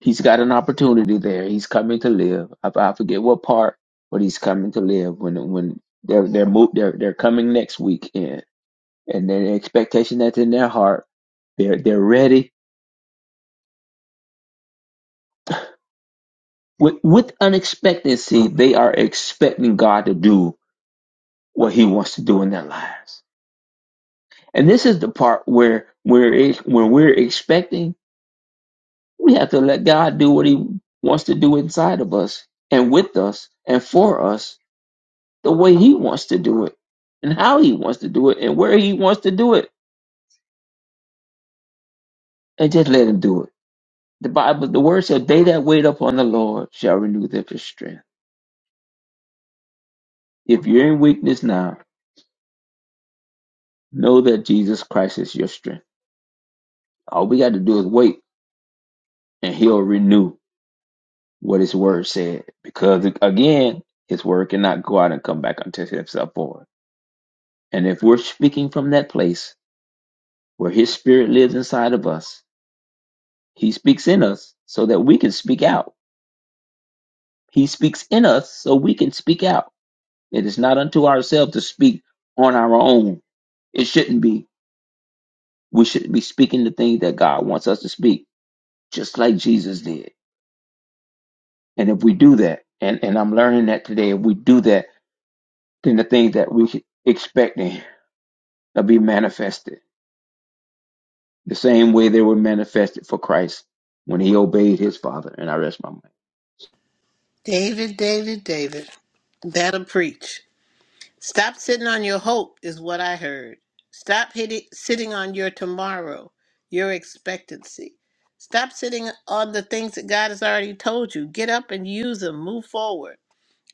S4: He's got an opportunity there. He's coming to live. I, I forget what part, but he's coming to live when when they're they're mo- they're they're coming next weekend, and then the expectation that's in their heart, they're they're ready with with unexpectancy. They are expecting God to do what He wants to do in their lives, and this is the part where where it when we're expecting We have to let God do what He wants to do inside of us and with us and for us the way He wants to do it and how He wants to do it and where He wants to do it and just let Him do it. The Bible, the Word said, They that wait upon the Lord shall renew their strength. If you're in weakness now, know that Jesus Christ is your strength. All we got to do is wait and He'll renew what His Word said because again, His Word cannot go out and come back until it Himself for it. And if we're speaking from that place, where his spirit lives inside of us. He speaks in us so that we can speak out. He speaks in us so we can speak out. It is not unto ourselves to speak on our own. It shouldn't be. We should be speaking the things that God wants us to speak, just like Jesus did. And if we do that, and, and I'm learning that today, if we do that, then the things that we should expecting will be manifested the same way they were manifested for Christ when he obeyed his Father. And I rest my mind.
S6: David, David, David. That'll preach. Stop sitting on your hope, is what I heard. Stop hitting, sitting on your tomorrow, your expectancy. Stop sitting on the things that God has already told you. Get up and use them. Move forward.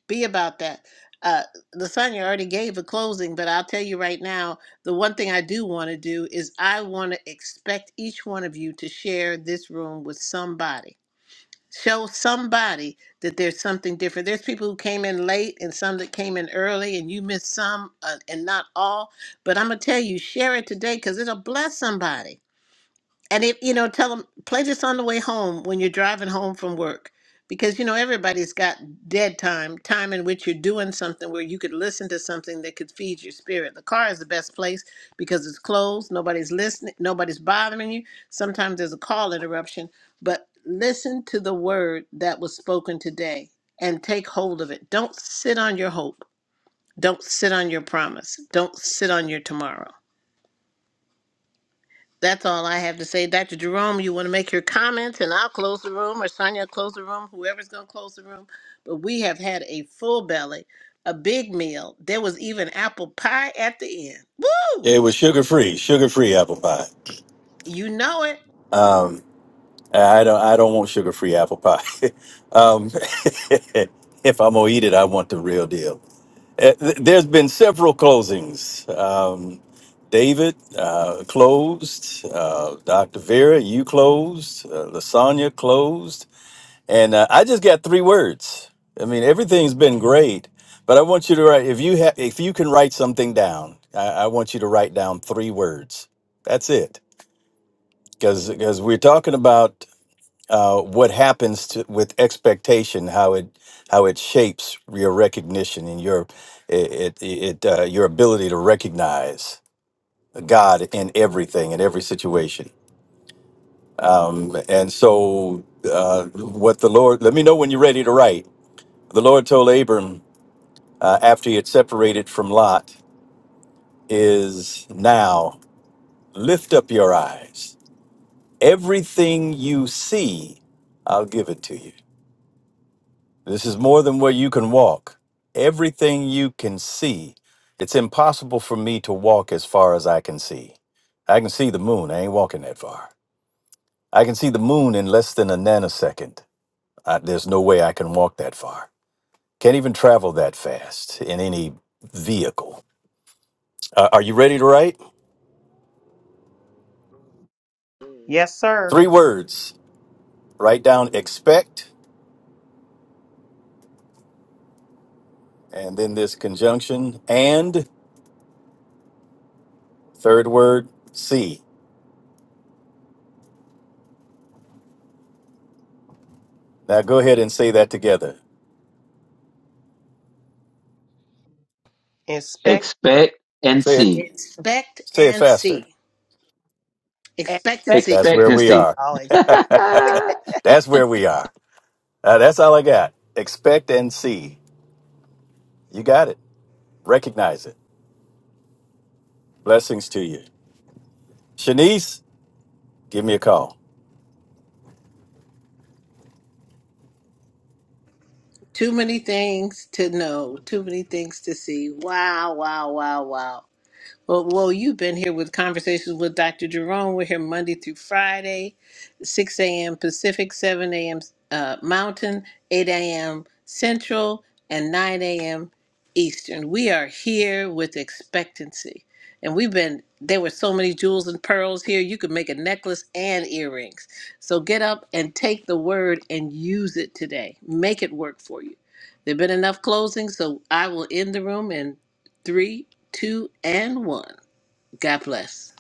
S6: Be about that. Uh, Lasagna already gave a closing, but I'll tell you right now the one thing I do want to do is I want to expect each one of you to share this room with somebody show somebody that there's something different. There's people who came in late and some that came in early, and you missed some uh, and not all. But I'm going to tell you, share it today because it'll bless somebody and if you know tell them play this on the way home when you're driving home from work because you know everybody's got dead time time in which you're doing something where you could listen to something that could feed your spirit the car is the best place because it's closed nobody's listening nobody's bothering you sometimes there's a call interruption but listen to the word that was spoken today and take hold of it don't sit on your hope don't sit on your promise don't sit on your tomorrow that's all I have to say. Dr. Jerome, you want to make your comments and I'll close the room or Sonia close the room, whoever's going to close the room. But we have had a full belly, a big meal. There was even apple pie at the end. Woo!
S2: Yeah, it was sugar free, sugar free apple pie.
S6: You know it.
S2: I don't, I don't want sugar free apple pie. um, if I'm gonna eat it, I want the real deal. Uh, th- There's been several closings. Um, David uh, closed, uh, Dr. Vera, you closed, uh, Lasagna closed, and uh, I just got three words. I mean, everything's been great, but I want you to write if you have if you can write something down. I, I want you to write down three words. That's it because because we're talking about uh, what happens to, with expectation, how it how it shapes your recognition and your it it, it uh, your ability to recognize God in everything in every situation. Um, and so, uh, what the Lord let me know when you're ready to write. The Lord told Abram uh, after he had separated from Lot is now lift up your eyes. Everything you see, I'll give it to you. This is more than where you can walk. Everything you can see. It's impossible for me to walk as far as I can see. I can see the moon. I ain't walking that far. I can see the moon in less than a nanosecond. I, there's no way I can walk that far. Can't even travel that fast in any vehicle. Uh, are you ready to write?
S1: Yes, sir.
S2: Three words. Write down expect and then this conjunction and third word see. Now go ahead and say that together.
S1: Inspect,
S4: Expect and
S2: Say it.
S4: see.
S6: Expect
S2: Say it
S6: and
S2: faster.
S6: see.
S1: inspect.
S6: Expectancy.
S2: That's where we
S4: Expectancy.
S2: are.
S1: Oh,
S2: that's where we are. Uh, that's all I got. Expect and see. You got it. Recognize it. Blessings to you. Shanice, give me a call.
S6: Too many things to know, too many things to see. Wow, wow, wow, wow. Well, well, you've been here with conversations with Dr. Jerome. We're here Monday through Friday, 6 a.m. Pacific, 7 a.m. Uh, Mountain, 8 a.m. Central, and 9 a.m. Eastern. We are here with expectancy. And we've been, there were so many jewels and pearls here. You could make a necklace and earrings. So get up and take the word and use it today. Make it work for you. There have been enough closings, so I will end the room in three, two, and one. God bless.